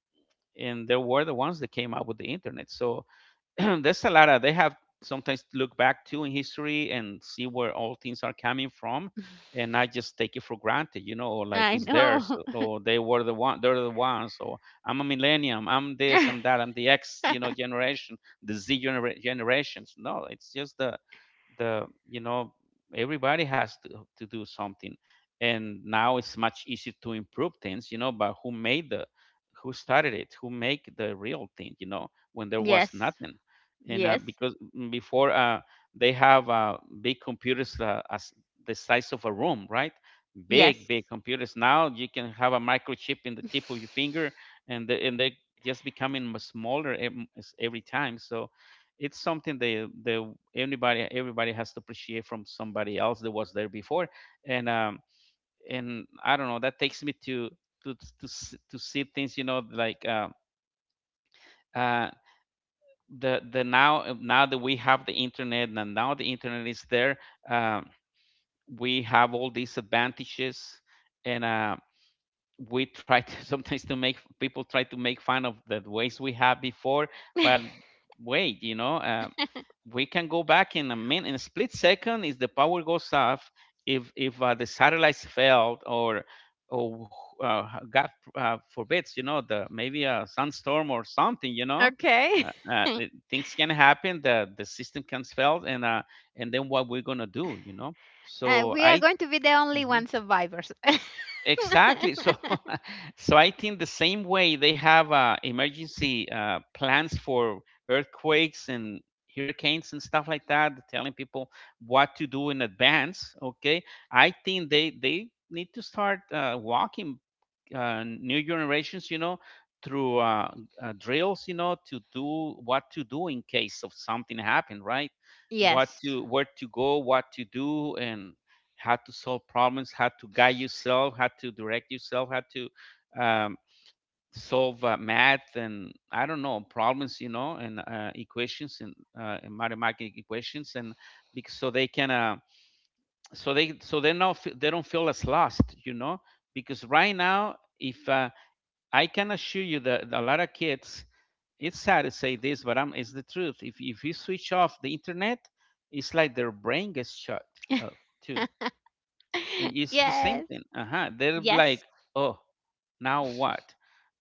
Speaker 2: and they were the ones that came out with the internet. So (clears throat) there's a lot of, they have sometimes to look back to in history and see where all things are coming from,
Speaker 1: (laughs)
Speaker 2: and not just take it for granted, you know, or like
Speaker 1: I
Speaker 2: it's theirs.
Speaker 1: know.
Speaker 2: So, or they were the one, they're the ones, or I'm a millennium, I'm this, I'm
Speaker 1: (laughs)
Speaker 2: that, I'm the X, you know, generation, the Z generations. No, it's just the you know, everybody has to do something. And now it's much easier to improve things, you know. But who made the, who started it, who make the real thing, you know, when there was
Speaker 1: Yes.
Speaker 2: nothing? And
Speaker 1: Yes.
Speaker 2: because before, they have, big computers, as the size of a room, right? Big,
Speaker 1: Yes.
Speaker 2: big computers. Now you can have a microchip in the tip of your finger. And and they just becoming smaller every time. So it's something, they, anybody, everybody has to appreciate from somebody else that was there before. And I don't know, that takes me to to see things, you know, like uh the now, that we have the internet, and now the internet is there, um we have all these advantages. And we try to (laughs) sometimes to make people, try to make fun of the ways we have before. But
Speaker 1: (laughs)
Speaker 2: wait, you know, we can go back in a minute, in a split second, if the power goes off. If the satellites failed, or uh, God forbids, you know, the maybe a sunstorm or something, you know.
Speaker 1: Okay. (laughs)
Speaker 2: Things can happen. The system can fail. And and then, what we're gonna do, you know? So
Speaker 1: We
Speaker 2: I.
Speaker 1: are going to be the only
Speaker 2: Mm-hmm.
Speaker 1: one survivors.
Speaker 2: Exactly. So (laughs) so I think the same way they have emergency plans for earthquakes and hurricanes and stuff like that, telling people what to do in advance. Okay, I think they need to start walking new generations, you know, through drills, you know, to do what to do in case of something happen, right?
Speaker 1: (laughs)
Speaker 2: What
Speaker 1: Yes.
Speaker 2: to Where to go, what to do, and how to solve problems, how to guide yourself, how to direct yourself, how to, solve math and I don't know problems, you know, and equations, and and mathematical equations. And because so they can, so they, so they not fe- they don't feel as lost, you know. Because right now, if I can assure you that a lot of kids, it's sad to say this, but it's the truth. If you switch off the internet, it's like their brain gets shut up too.
Speaker 1: (laughs)
Speaker 2: It's the same
Speaker 1: Yes.
Speaker 2: thing. Uh huh. They're like,
Speaker 1: Yes.
Speaker 2: oh, now what?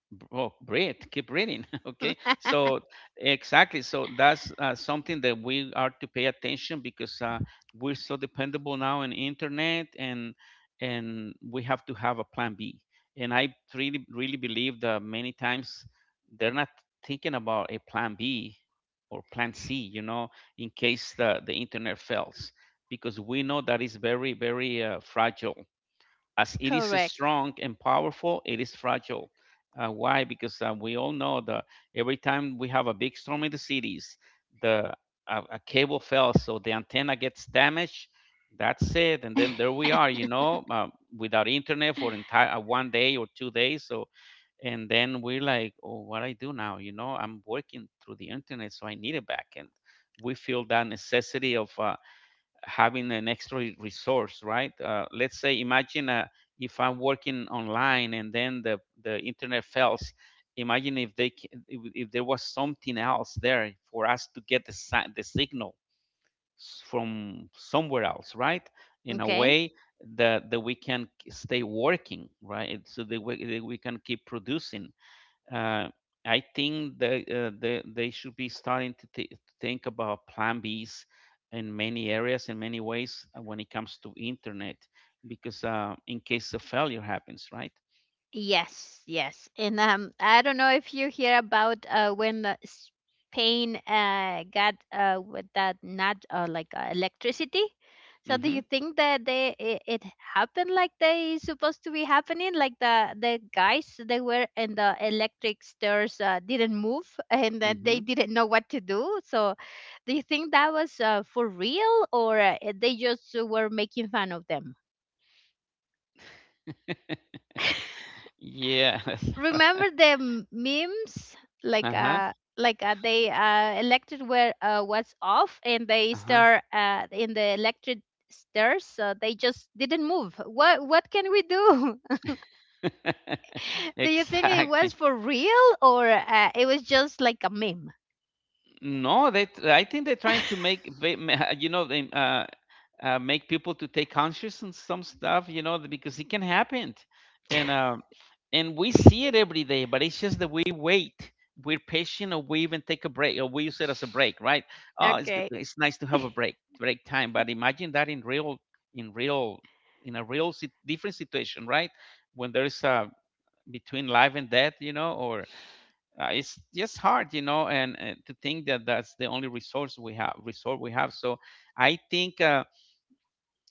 Speaker 2: Oh, breathe, keep breathing. (laughs) Okay,
Speaker 1: (laughs)
Speaker 2: so exactly, so that's something that we are to pay attention, because we're so dependable now on internet. And we have to have a plan B. And I really, really believe that many times they're not thinking about a plan B or plan C, you know, in case the internet fails. Because we know that is very, very fragile. As it is
Speaker 1: Correct.
Speaker 2: strong and powerful, it is fragile. Why? Because we all know that every time we have a big storm in the cities, the a cable fell, so the antenna gets damaged. That's it. And then there
Speaker 1: (laughs)
Speaker 2: we are, you know, without internet for entire one day or 2 days. So, and then we're like, oh, what I do now? You know, I'm working through the internet, so I need it back. And we feel that necessity of having an extra resource, right? Let's say, imagine, if I'm working online and then the internet fails. Imagine if they, if, there was something else there for us to get the signal from somewhere else, right? In a
Speaker 1: Okay.
Speaker 2: way that we can stay working, right? So that we can keep producing. uh, I think they, they should be starting to, to think about plan Bs in many areas, in many ways, when it comes to internet. Because in case a failure happens, right?
Speaker 1: Yes, yes. And I don't know if you hear about when Spain got with that not electricity. So do you
Speaker 2: Mm-hmm.
Speaker 1: think that it happened like they supposed to be happening? Like the guys they were in the electric stairs didn't move (laughs) and that they
Speaker 2: Mm-hmm.
Speaker 1: didn't know what to do. So do you think that was for real or they just were making fun of them?
Speaker 2: (laughs) Yeah. (laughs)
Speaker 1: Remember the memes like
Speaker 2: Uh-huh.
Speaker 1: uh like uh, they elected where was off and they
Speaker 2: Uh-huh.
Speaker 1: start in the electric stairs so they just didn't move what can we do.
Speaker 2: (laughs)
Speaker 1: (laughs) Do you think it was
Speaker 2: Exactly.
Speaker 1: for real or it was just like a meme?
Speaker 2: No, they. I think they're trying to make. You know, they make people to take conscious on some stuff, you know. Because it can happen. And and we see it every day. But it's just that we wait, we're patient, or we even take a break, or we use it as a break, right? Oh, it's good,
Speaker 1: Okay.
Speaker 2: it's nice to have a break, break time. But imagine that in real, in real, in a real different situation, right? When there's a between life and death, you know. Or it's just hard, you know, and to think that that's the only resource we have, resort we have. So I think.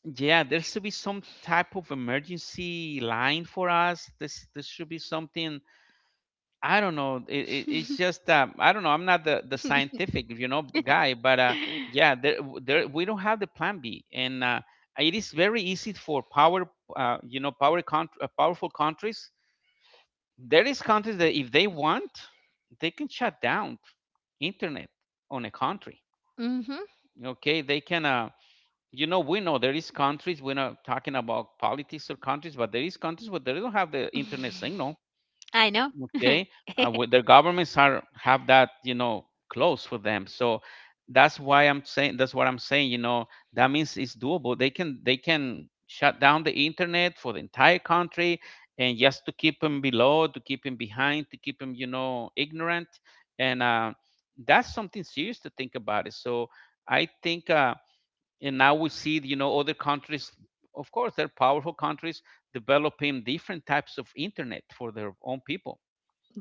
Speaker 2: Yeah, there should be some type of emergency line for us. This should be something. I don't know. It's
Speaker 1: (laughs)
Speaker 2: just I don't know. I'm not the scientific, you know, guy. But yeah, there, there we don't have the plan B. And it is very easy for power, you know, powerful countries. There is countries that, if they want, they can shut down internet on a country.
Speaker 1: Mhm. (sighs)
Speaker 2: Okay, they can. You know, we know there is countries. We're not talking about politics or countries, but there is countries where they don't have the internet signal,
Speaker 1: I know. (laughs)
Speaker 2: okay. Where their governments are have that, you know, close for them. So that's why I'm saying, that's what I'm saying, you know, that means it's doable. They can, they can shut down the internet for the entire country, and just to keep them below, to keep them behind, to keep them, you know, ignorant. And That's something serious to think about it. So I think, and now we see, you know, other countries, of course they're powerful countries, developing different types of internet for their own people.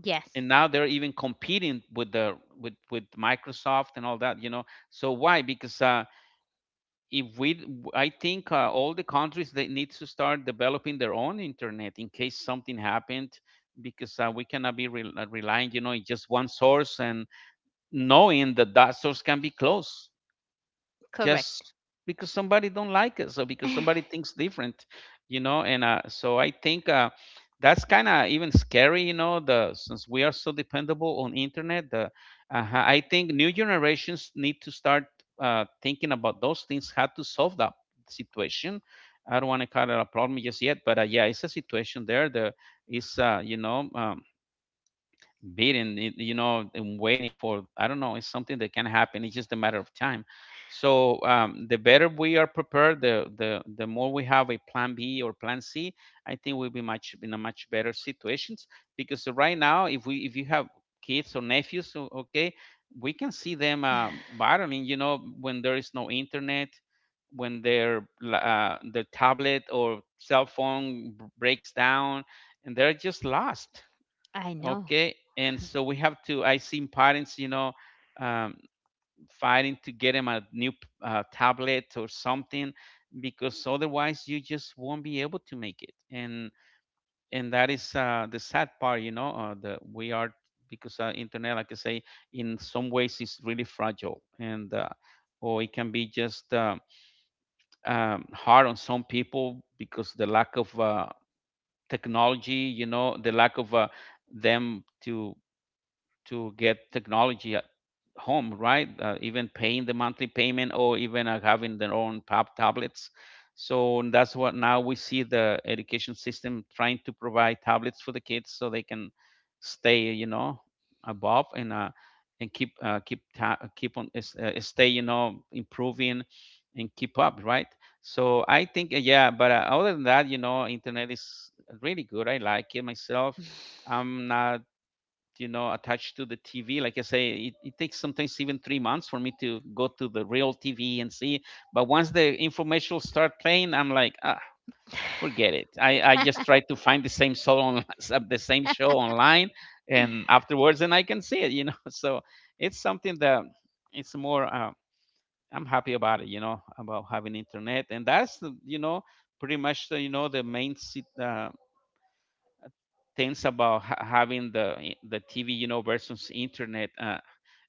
Speaker 1: Yes.
Speaker 2: And now they're even competing with the, with Microsoft and all that, you know. So why? Because if we, I think all the countries they need to start developing their own internet in case something happened. Because we cannot be relying, you know, in just one source, and knowing that that source can be closed
Speaker 1: Correct.
Speaker 2: just because somebody don't like us, or because somebody
Speaker 1: (laughs)
Speaker 2: thinks different, you know. And So I think that's kind of even scary, you know, the since we are so dependable on internet, the I think new generations need to start thinking about those things, how to solve that situation. I don't want to call it a problem just yet, but yeah, it's a situation there, the is you know, beating it, you know, and waiting for, I don't know, it's something that can happen, it's just a matter of time. So the better we are prepared, the more we have a plan b or plan c, I think we'll be much in a much better situations. Because right now, if we, if you have kids or nephews, okay, we can see them battling, you know, when there is no internet, when their tablet or cell phone breaks down, and they're just lost.
Speaker 1: I know.
Speaker 2: Okay, and so we have to. I seen parents, you know, um, fighting to get him a new tablet or something, because otherwise you just won't be able to make it. And that is the sad part, you know. The we are, because internet, like I say, in some ways is really fragile, and or it can be just hard on some people, because the lack of technology, you know, the lack of them to get technology at home, right? Even paying the monthly payment, or even having their own pub tablets. So that's what now we see, the education system trying to provide tablets for the kids so they can stay, you know, above and and keep stay, you know, improving and keep up, right? So I think, yeah, but other than that, you know, internet is really good. I like it myself. I'm not, you know, attached to the TV. Like I say, it takes sometimes even 3 months for me to go to the real TV and see. But once the information start playing, I'm like, ah, forget it. I just try to find the same show on (laughs) the same show online, and afterwards, and I can see it, you know. (laughs) So it's something that, it's more I'm happy about it, you know, about having internet. And that's you know, pretty much the, you know, the main things about having the TV, you know, versus internet. Uh,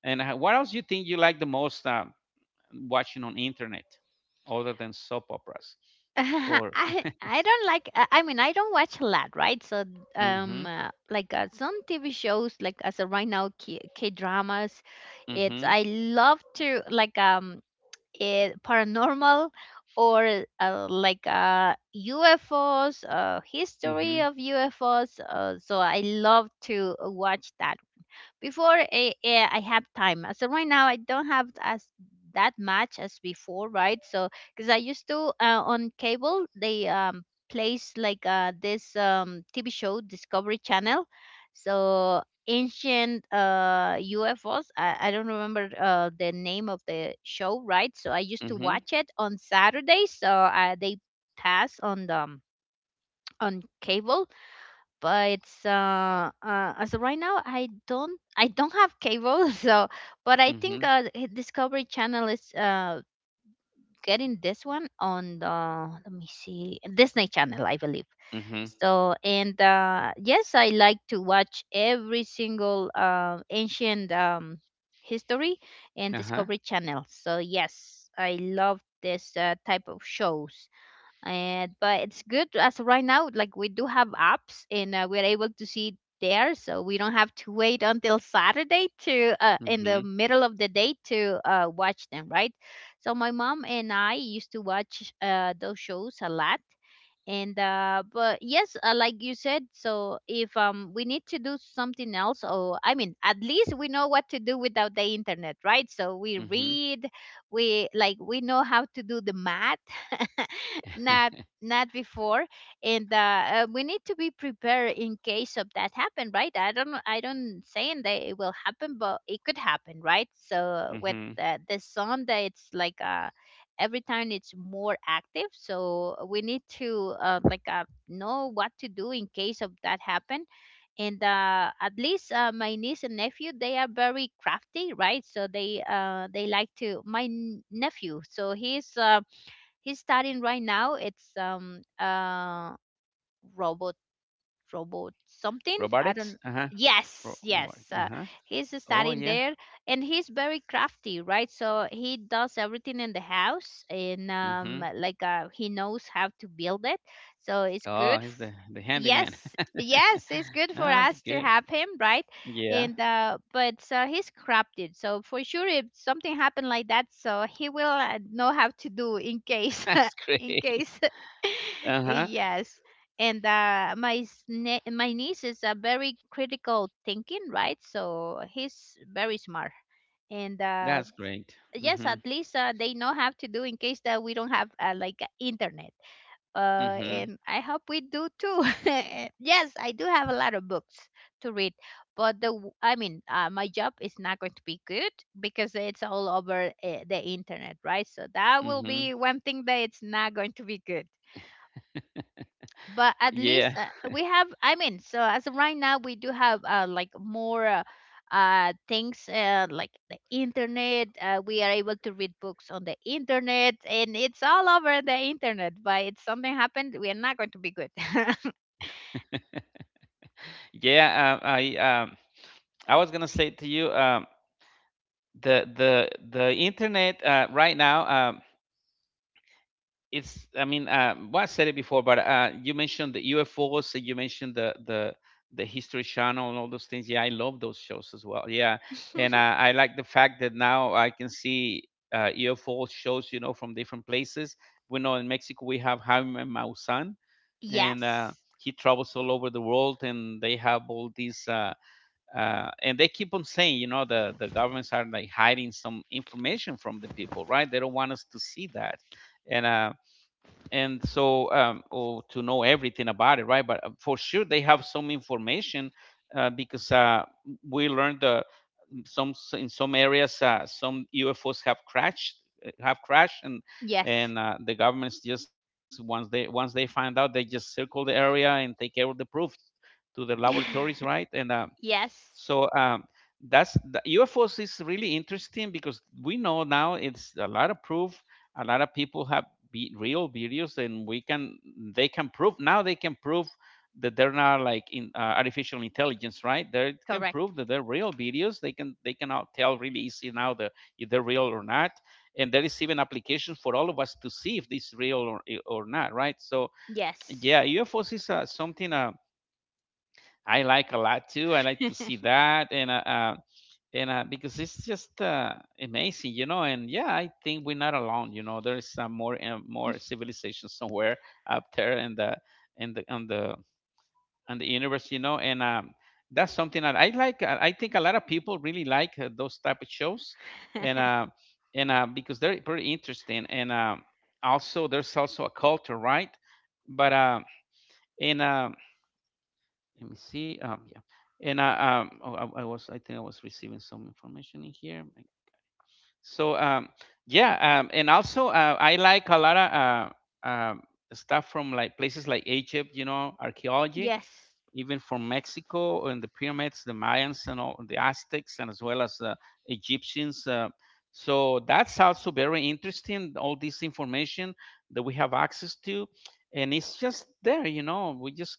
Speaker 2: and uh, what else do you think you like the most watching on internet, other than soap operas?
Speaker 1: (laughs)
Speaker 2: Or
Speaker 1: I don't like I mean I don't watch a lot right so
Speaker 2: mm-hmm,
Speaker 1: some TV shows like as of right now K dramas
Speaker 2: mm-hmm,
Speaker 1: it's I love to it, paranormal or UFOs
Speaker 2: mm-hmm,
Speaker 1: history of UFOs so I love to watch that before I have time. So right now I don't have as that much as before, right? So because I used to on cable they place like this TV show Discovery Channel, so ancient UFOs. I don't remember the name of the show, right? So I used to
Speaker 2: mm-hmm,
Speaker 1: watch it on Saturdays. So they pass on the on cable but as of right now I don't have cable (laughs) so but I
Speaker 2: mm-hmm,
Speaker 1: think Discovery Channel is getting this one on the let me see Disney Channel I believe
Speaker 2: mm-hmm,
Speaker 1: so and yes I like to watch every single ancient history and
Speaker 2: uh-huh,
Speaker 1: Discovery Channel so yes I love this type of shows and but it's good as of right now like we do have apps and we're able to see it there so we don't have to wait until Saturday to in
Speaker 2: mm-hmm,
Speaker 1: the middle of the day to watch them right so my mom and I used to watch those shows a lot and but yes like you said so if we need to do something else or I mean at least we know what to do without the internet right so we
Speaker 2: mm-hmm,
Speaker 1: read we like we know how to do the math (laughs) not not before and we need to be prepared in case of that happen right I don't saying that it will happen but it could happen right
Speaker 2: (laughs)
Speaker 1: so with
Speaker 2: mm-hmm.
Speaker 1: the sun that it's like a every time it's more active so we need to know what to do in case of that happen and at least my niece and nephew they are very crafty right so they like to My nephew, so he's studying right now. It's robot robot, something I
Speaker 2: Robotics?
Speaker 1: don't.
Speaker 2: Uh-huh.
Speaker 1: Yes,
Speaker 2: Robotic.
Speaker 1: yes,
Speaker 2: Uh-huh.
Speaker 1: he's
Speaker 2: Oh
Speaker 1: studying
Speaker 2: yeah.
Speaker 1: there. And he's very crafty, right? So he does everything in the house. And
Speaker 2: Mm-hmm.
Speaker 1: like, he knows how to build it, so it's
Speaker 2: Oh,
Speaker 1: good
Speaker 2: he's the
Speaker 1: f-
Speaker 2: the handyman.
Speaker 1: Yes,
Speaker 2: (laughs)
Speaker 1: yes, it's good for
Speaker 2: That's
Speaker 1: us to
Speaker 2: good.
Speaker 1: have him, right?
Speaker 2: Yeah,
Speaker 1: And but so he's crafted, so for sure if something happened like that, so he will know how to do in
Speaker 2: (laughs)
Speaker 1: case
Speaker 2: that's
Speaker 1: (laughs) in
Speaker 2: great.
Speaker 1: case (laughs)
Speaker 2: Uh-huh.
Speaker 1: yes. And my niece is a very critical thinking, right? So he's very smart. And
Speaker 2: That's great.
Speaker 1: yes,
Speaker 2: Mm-hmm.
Speaker 1: at least they know how to do in case that we don't have like internet. Uh,
Speaker 2: Mm-hmm.
Speaker 1: and I hope we do too. (laughs) Yes, I do have a lot of books to read, but I mean, my job is not going to be good because it's all over the internet, right? So that will
Speaker 2: Mm-hmm.
Speaker 1: be one thing that it's not going to be good. But at least
Speaker 2: Yeah. (laughs)
Speaker 1: we have, I mean, so as of right now we do have like more things like the internet. We are able to read books on the internet, and it's all over the internet, but if something happened we are not going to be good.
Speaker 2: Yeah. I was gonna say to you, the internet right now. It's, I mean, well, I said it before, but you mentioned the U F O's UFOs. You mentioned the History Channel and all those things. Yeah, I love those shows as well. Yeah, and
Speaker 1: (laughs)
Speaker 2: I like the fact that now I can see UFO shows, you know, from different places. We know in Mexico we have Jaime Maussan, and
Speaker 1: Yes,
Speaker 2: he travels all over the world, and they have all these. And they keep on saying, you know, the governments are like hiding some information from the people, right? They don't want us to see that, and uh, and so, or to know everything about it, right? But for sure, they have some information, because we learned, some in some areas, some UFOs have crashed, and
Speaker 1: yes.
Speaker 2: the governments just, once they find out, they just circle the area and take care of the proof to their laboratories, right?
Speaker 1: (laughs)
Speaker 2: and So,
Speaker 1: Yes,
Speaker 2: that's the, UFOs is really interesting, because we know now it's a lot of proof. A lot of people have, real videos, and we can they can prove now, they can prove that they're not like in artificial intelligence, right? They can
Speaker 1: correct.
Speaker 2: prove that they're real videos. They can out tell really easy now the if they're real or not. And there is even applications for all of us to see if this real or not, right? So yeah,
Speaker 1: Yes.
Speaker 2: UFOs is something. I like a lot too. I like to see that, and because it's just amazing, you know. And yeah, I think we're not alone. You know, there is some more and more civilization somewhere (laughs) up there in the, on the on the universe, you know. And that's something that I like. I think a lot of people really like those type of shows, and uh,
Speaker 1: (laughs)
Speaker 2: and because they're pretty interesting. And also, there's also a culture, right? But and Let me see. Yeah. And oh, I think I was receiving some information in here. So yeah, and also I like a lot of uh, um, stuff from like places like Egypt, you know, archaeology,
Speaker 1: Yes.
Speaker 2: even from Mexico and the pyramids, the Mayans and all, the Aztecs, and as well as the Egyptians. So that's also very interesting. All this information that we have access to, and it's just there, you know. We just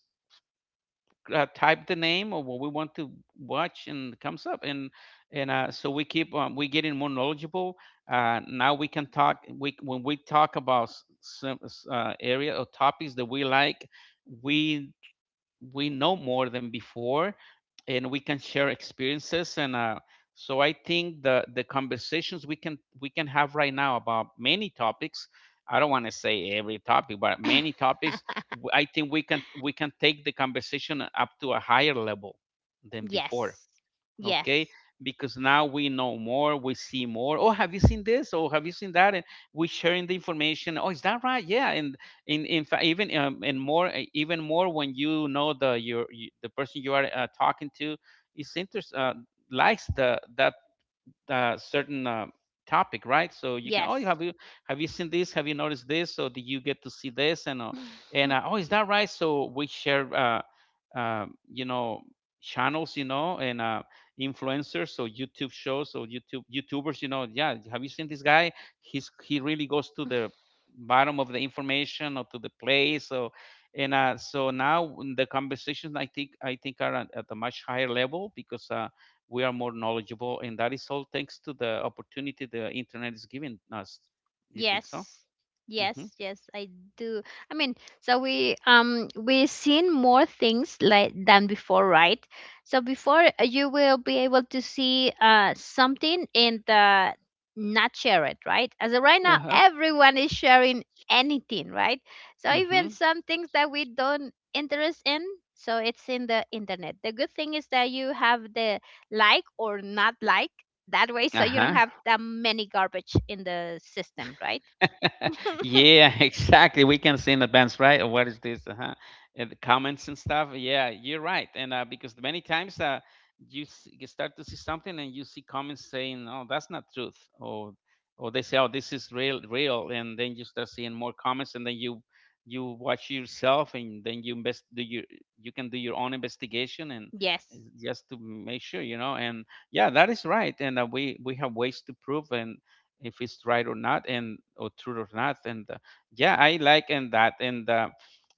Speaker 2: type the name or what we want to watch, and it comes up. And so we keep, we getting more knowledgeable. Now we can talk, we when we talk about some area or topics that we like, we we know more than before, and we can share experiences, and so I think the conversations we can, have right now about many topics, I don't want to say every topic but many
Speaker 1: (laughs)
Speaker 2: topics, I think we can take the conversation up to a higher level than before.
Speaker 1: Yes,
Speaker 2: Okay,
Speaker 1: yes,
Speaker 2: because now we know more, we see more. Oh, have you seen this? Oh, have you seen that? And we sharing the information, oh is that right, yeah. And in fact, even, and more, even more when you know the person you are talking to is interest likes the that certain topic, right? So you can, oh, you
Speaker 1: yes.
Speaker 2: have you have you seen this? Have you noticed this? So did you get to see this? And
Speaker 1: (laughs)
Speaker 2: oh, is that right? So we share, uh, you know, channels, you know, and influencers. So YouTube shows, so YouTubers, you know, yeah. Have you seen this guy? He really goes to the bottom of the information, or to the place. So now the conversations, I think are at a much higher level, because we are more knowledgeable, and that is all thanks to the opportunity the internet is giving us. Do you think so?
Speaker 1: Yes.
Speaker 2: Mm-hmm.
Speaker 1: Yes, yes, I do. I mean, so we seen more things like than before, right? So before you will be able to see something, and the, not share it, right? As of right now,
Speaker 2: Uh-huh.
Speaker 1: everyone is sharing anything, right? So
Speaker 2: Mm-hmm.
Speaker 1: even some things that we don't interest in, so it's in the internet. The good thing is that you have the like or not like, that way, so you
Speaker 2: Uh-huh.
Speaker 1: don't have that many garbage in the system, right? (laughs)
Speaker 2: Yeah, (laughs) exactly. We can see in advance, right? Or, what is this? Uh-huh. And the comments and stuff. Yeah, you're right. And because many times, you start to see something, and you see comments saying, "Oh, that's not truth," or they say, "Oh, this is real, real," and then you start seeing more comments, and then you watch yourself, and then you invest do your you can do your own investigation, and
Speaker 1: Yes.
Speaker 2: just to make sure, you know. And yeah, that is right. And We have ways to prove and if it's right or not and or true or not and yeah I like and that and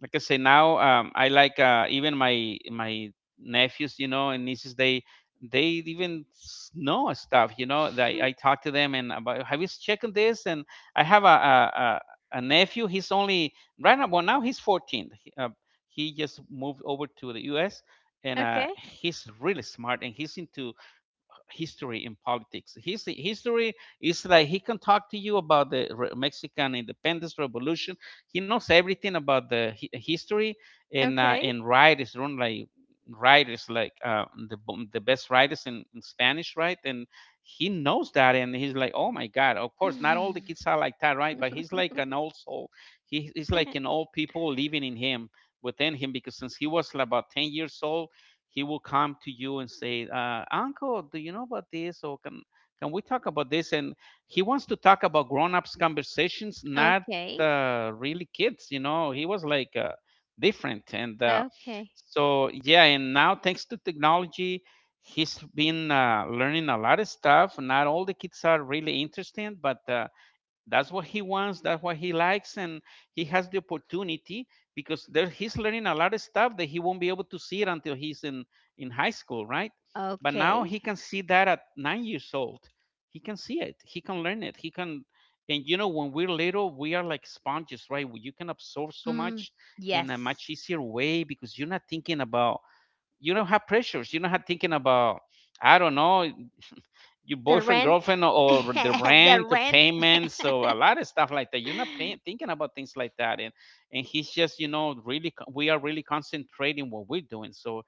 Speaker 2: Like I say now, I like even my nephews, you know, and nieces. Know stuff, you know. I
Speaker 1: (laughs)
Speaker 2: talk to them and about, "Have you checked on this?" And I have a nephew. He's only right now well Now he's 14. He just moved over to the US, and
Speaker 1: Okay,
Speaker 2: he's really smart, and he's into history in politics. His history is like, he can talk to you about the Mexican Independence Revolution. He knows everything about the history,
Speaker 1: okay.
Speaker 2: and right is run like writers, like the best writers in Spanish, right? And he knows that, and he's like, oh my god! Of course, not all the kids are like that, right? But he's like an old soul. He's like an old
Speaker 1: (laughs)
Speaker 2: people living in him, within him, because since he was about 10 years old, he will come to you and say, "Uncle, do you know about this? Or can we talk about this?" And he wants to talk about grown-ups conversations, not
Speaker 1: Okay,
Speaker 2: really kids. You know, he was like different, and
Speaker 1: okay,
Speaker 2: so yeah. And now, thanks to technology, he's been learning a lot of stuff. Not all the kids are really interested, but that's what he wants, that's what he likes, and he has the opportunity because there he's learning a lot of stuff that he won't be able to see it until he's in high school, right? But now
Speaker 1: okay.
Speaker 2: he can see that at 9 years old, he can see it, he can learn it, he can. And you know, when we're little we are like sponges, right? Well, you can absorb so
Speaker 1: Mm,
Speaker 2: much in a much
Speaker 1: yes,
Speaker 2: easier way because you're not thinking about, you don't have pressures, you're not thinking about, I don't know, your
Speaker 1: the
Speaker 2: boyfriend,
Speaker 1: rent.
Speaker 2: girlfriend,
Speaker 1: (laughs)
Speaker 2: or the
Speaker 1: The
Speaker 2: rent, the
Speaker 1: rent.
Speaker 2: payments, so a lot of stuff like that. You're not paying,
Speaker 1: (laughs)
Speaker 2: thinking about things like that. And he's just, you know, really, we are really concentrating what we're doing. So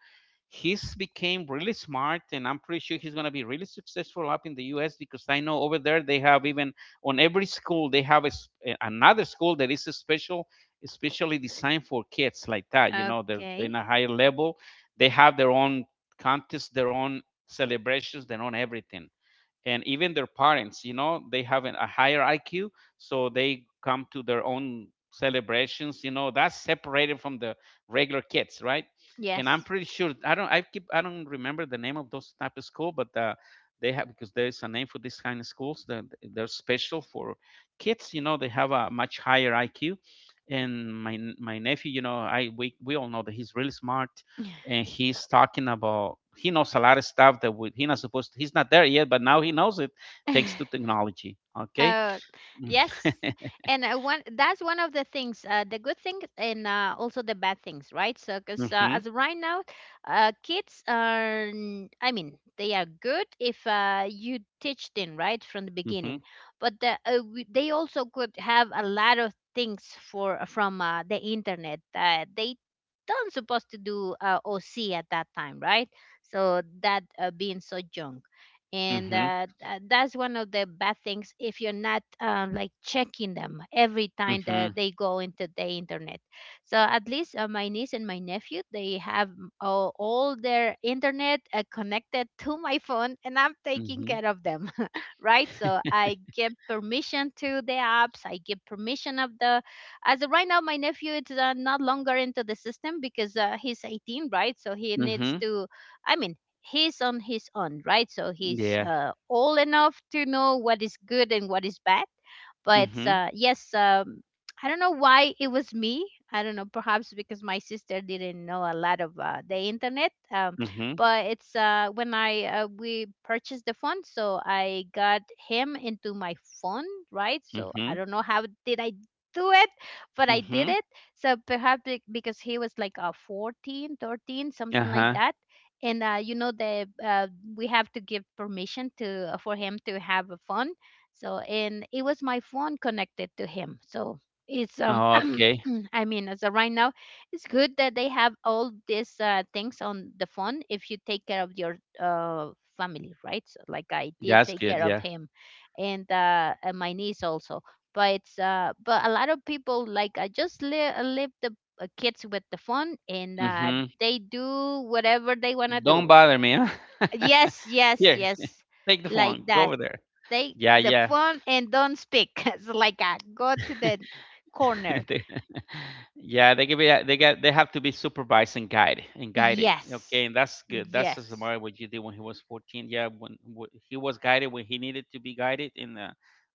Speaker 2: he's became really smart, and I'm pretty sure he's gonna be really successful up in the U.S. because I know over there they have, even on every school they have another school that is a special, especially designed for kids like that. You know, they're
Speaker 1: Okay,
Speaker 2: in a higher level. They have their own contests, their own celebrations, their own everything, and even their parents, you know, they have a higher IQ, so they come to their own celebrations, you know, that's separated from the regular kids, right? And I'm
Speaker 1: yes.
Speaker 2: pretty sure, I don't remember the name of those type of school, but they have, because there is a name for this kind of schools, that they're special for kids, you know. They have a much higher IQ. And my nephew, you know, I we all know that he's really smart, and he's talking about, he knows a lot of stuff that he's not supposed to, he's not there yet, but now he knows it, thanks to
Speaker 1: (laughs)
Speaker 2: technology. Okay.
Speaker 1: Uh, yes.
Speaker 2: (laughs)
Speaker 1: And one that's one of the things, the good things, and also the bad things, right? So, because
Speaker 2: Mhm.
Speaker 1: as of right now, kids are, I mean, they are good if you teach them right from the beginning,
Speaker 2: Mhm.
Speaker 1: but they also could have a lot of things for from the internet that they don't supposed to do, or see at that time, right? So that being so young, and
Speaker 2: Mhm.
Speaker 1: that's one of the bad things if you're not like checking them every time that
Speaker 2: Mhm.
Speaker 1: they go into the internet. So at least my niece and my nephew, they have, all their internet connected to my phone, and I'm taking
Speaker 2: Mhm.
Speaker 1: care of them. (laughs) Right, so I give permission to the apps, I give permission of the, as of right now my nephew is not longer into the system because he's 18, right, so he needs
Speaker 2: Mhm.
Speaker 1: to I mean, he's on his own, right? So he's
Speaker 2: Yeah.
Speaker 1: old enough to know what is good and what is bad. But
Speaker 2: Mhm.
Speaker 1: yes, I don't know why it was me. I don't know, perhaps because my sister didn't know a lot of the internet.
Speaker 2: Mhm.
Speaker 1: But it's when I we purchased the phone, so I got him into my phone, right? So I
Speaker 2: Mhm.
Speaker 1: don't know how did I do it, but I did
Speaker 2: Mhm.
Speaker 1: it. So perhaps because he was like 14, 13,
Speaker 2: Uh
Speaker 1: something like
Speaker 2: huh.
Speaker 1: that. And you know the we have to give permission to for him to have a phone, so, and it was my phone connected to him. So, it's
Speaker 2: Okay.
Speaker 1: (clears throat) I mean, as of right now, it's good that they have all these things on the phone if you take care of your family, right? So like I did,
Speaker 2: That's
Speaker 1: take
Speaker 2: good.
Speaker 1: care of
Speaker 2: Yeah.
Speaker 1: him, and my niece also. But it's but a lot of people, like, I just leave the kids with the phone, and
Speaker 2: Mhm.
Speaker 1: they do whatever they want to
Speaker 2: Don't
Speaker 1: do.
Speaker 2: bother me. Huh? (laughs)
Speaker 1: Yes, yes,
Speaker 2: Here,
Speaker 1: yes.
Speaker 2: take the
Speaker 1: Like
Speaker 2: phone. Go
Speaker 1: that.
Speaker 2: over there.
Speaker 1: Take
Speaker 2: Yeah.
Speaker 1: the
Speaker 2: Yeah.
Speaker 1: phone and don't speak. (laughs) It's like a go to
Speaker 2: (laughs)
Speaker 1: the corner.
Speaker 2: (laughs) They (laughs) yeah, they give it. They get. They have to be supervised and guided and guided. Okay,
Speaker 1: Yes.
Speaker 2: and that's good. That's as
Speaker 1: Yes.
Speaker 2: smart what you did when he was 14. Yeah, when he was guided when he needed to be guided, and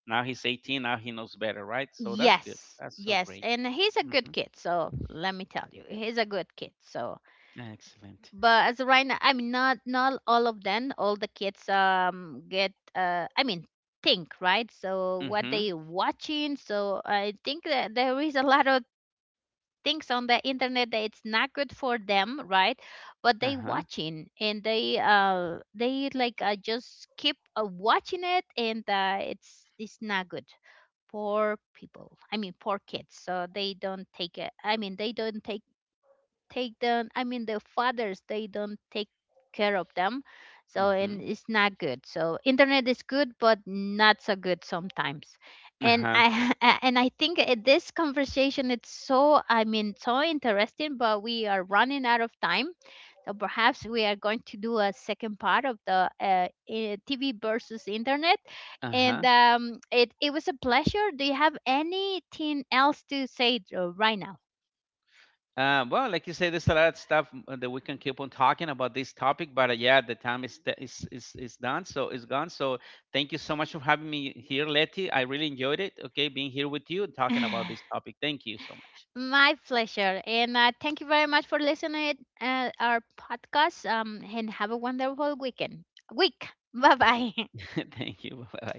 Speaker 2: now he's 18. Now he knows better, right? So that's good.
Speaker 1: Yes.
Speaker 2: That's so
Speaker 1: Yes.
Speaker 2: great.
Speaker 1: And he's a
Speaker 2: Hmm.
Speaker 1: good kid. So let me tell you, he's a good kid. So,
Speaker 2: Excellent.
Speaker 1: but as of right now, I mean, not all of them, all the kids, I mean, think, right? So what
Speaker 2: Mm-hmm.
Speaker 1: they watching. So I think that there is a lot of things on the internet that it's not good for them, right? But
Speaker 2: Uh
Speaker 1: they
Speaker 2: huh.
Speaker 1: watching, and they like, just keep watching it, and it's not good. Poor people, I mean, poor kids, so they don't take it, I mean, they don't take them, I mean, the fathers, they don't take care of them. So,
Speaker 2: Mm-hmm.
Speaker 1: and it's not good. So internet is good but not so good sometimes.
Speaker 2: Uh
Speaker 1: And
Speaker 2: huh.
Speaker 1: I (laughs) And I think this conversation, it's so, I mean, so interesting, but we are running out of time. So perhaps we are going to do a second part of the TV versus internet.
Speaker 2: Uh huh.
Speaker 1: And it was a pleasure. Do you have anything else to say right now?
Speaker 2: Well, like you say, there's a lot of stuff that we can keep on talking about this topic, but yeah, the time is, is done, so it's gone. So thank you so much for having me here, Letty. I really enjoyed it. Okay, being here with you and talking about this
Speaker 1: (laughs)
Speaker 2: topic. Thank you so much.
Speaker 1: My pleasure. And thank you very much for listening to our podcast, and have a wonderful weekend. Week. Bye bye. (laughs)
Speaker 2: (laughs) Thank you. Bye. Bye.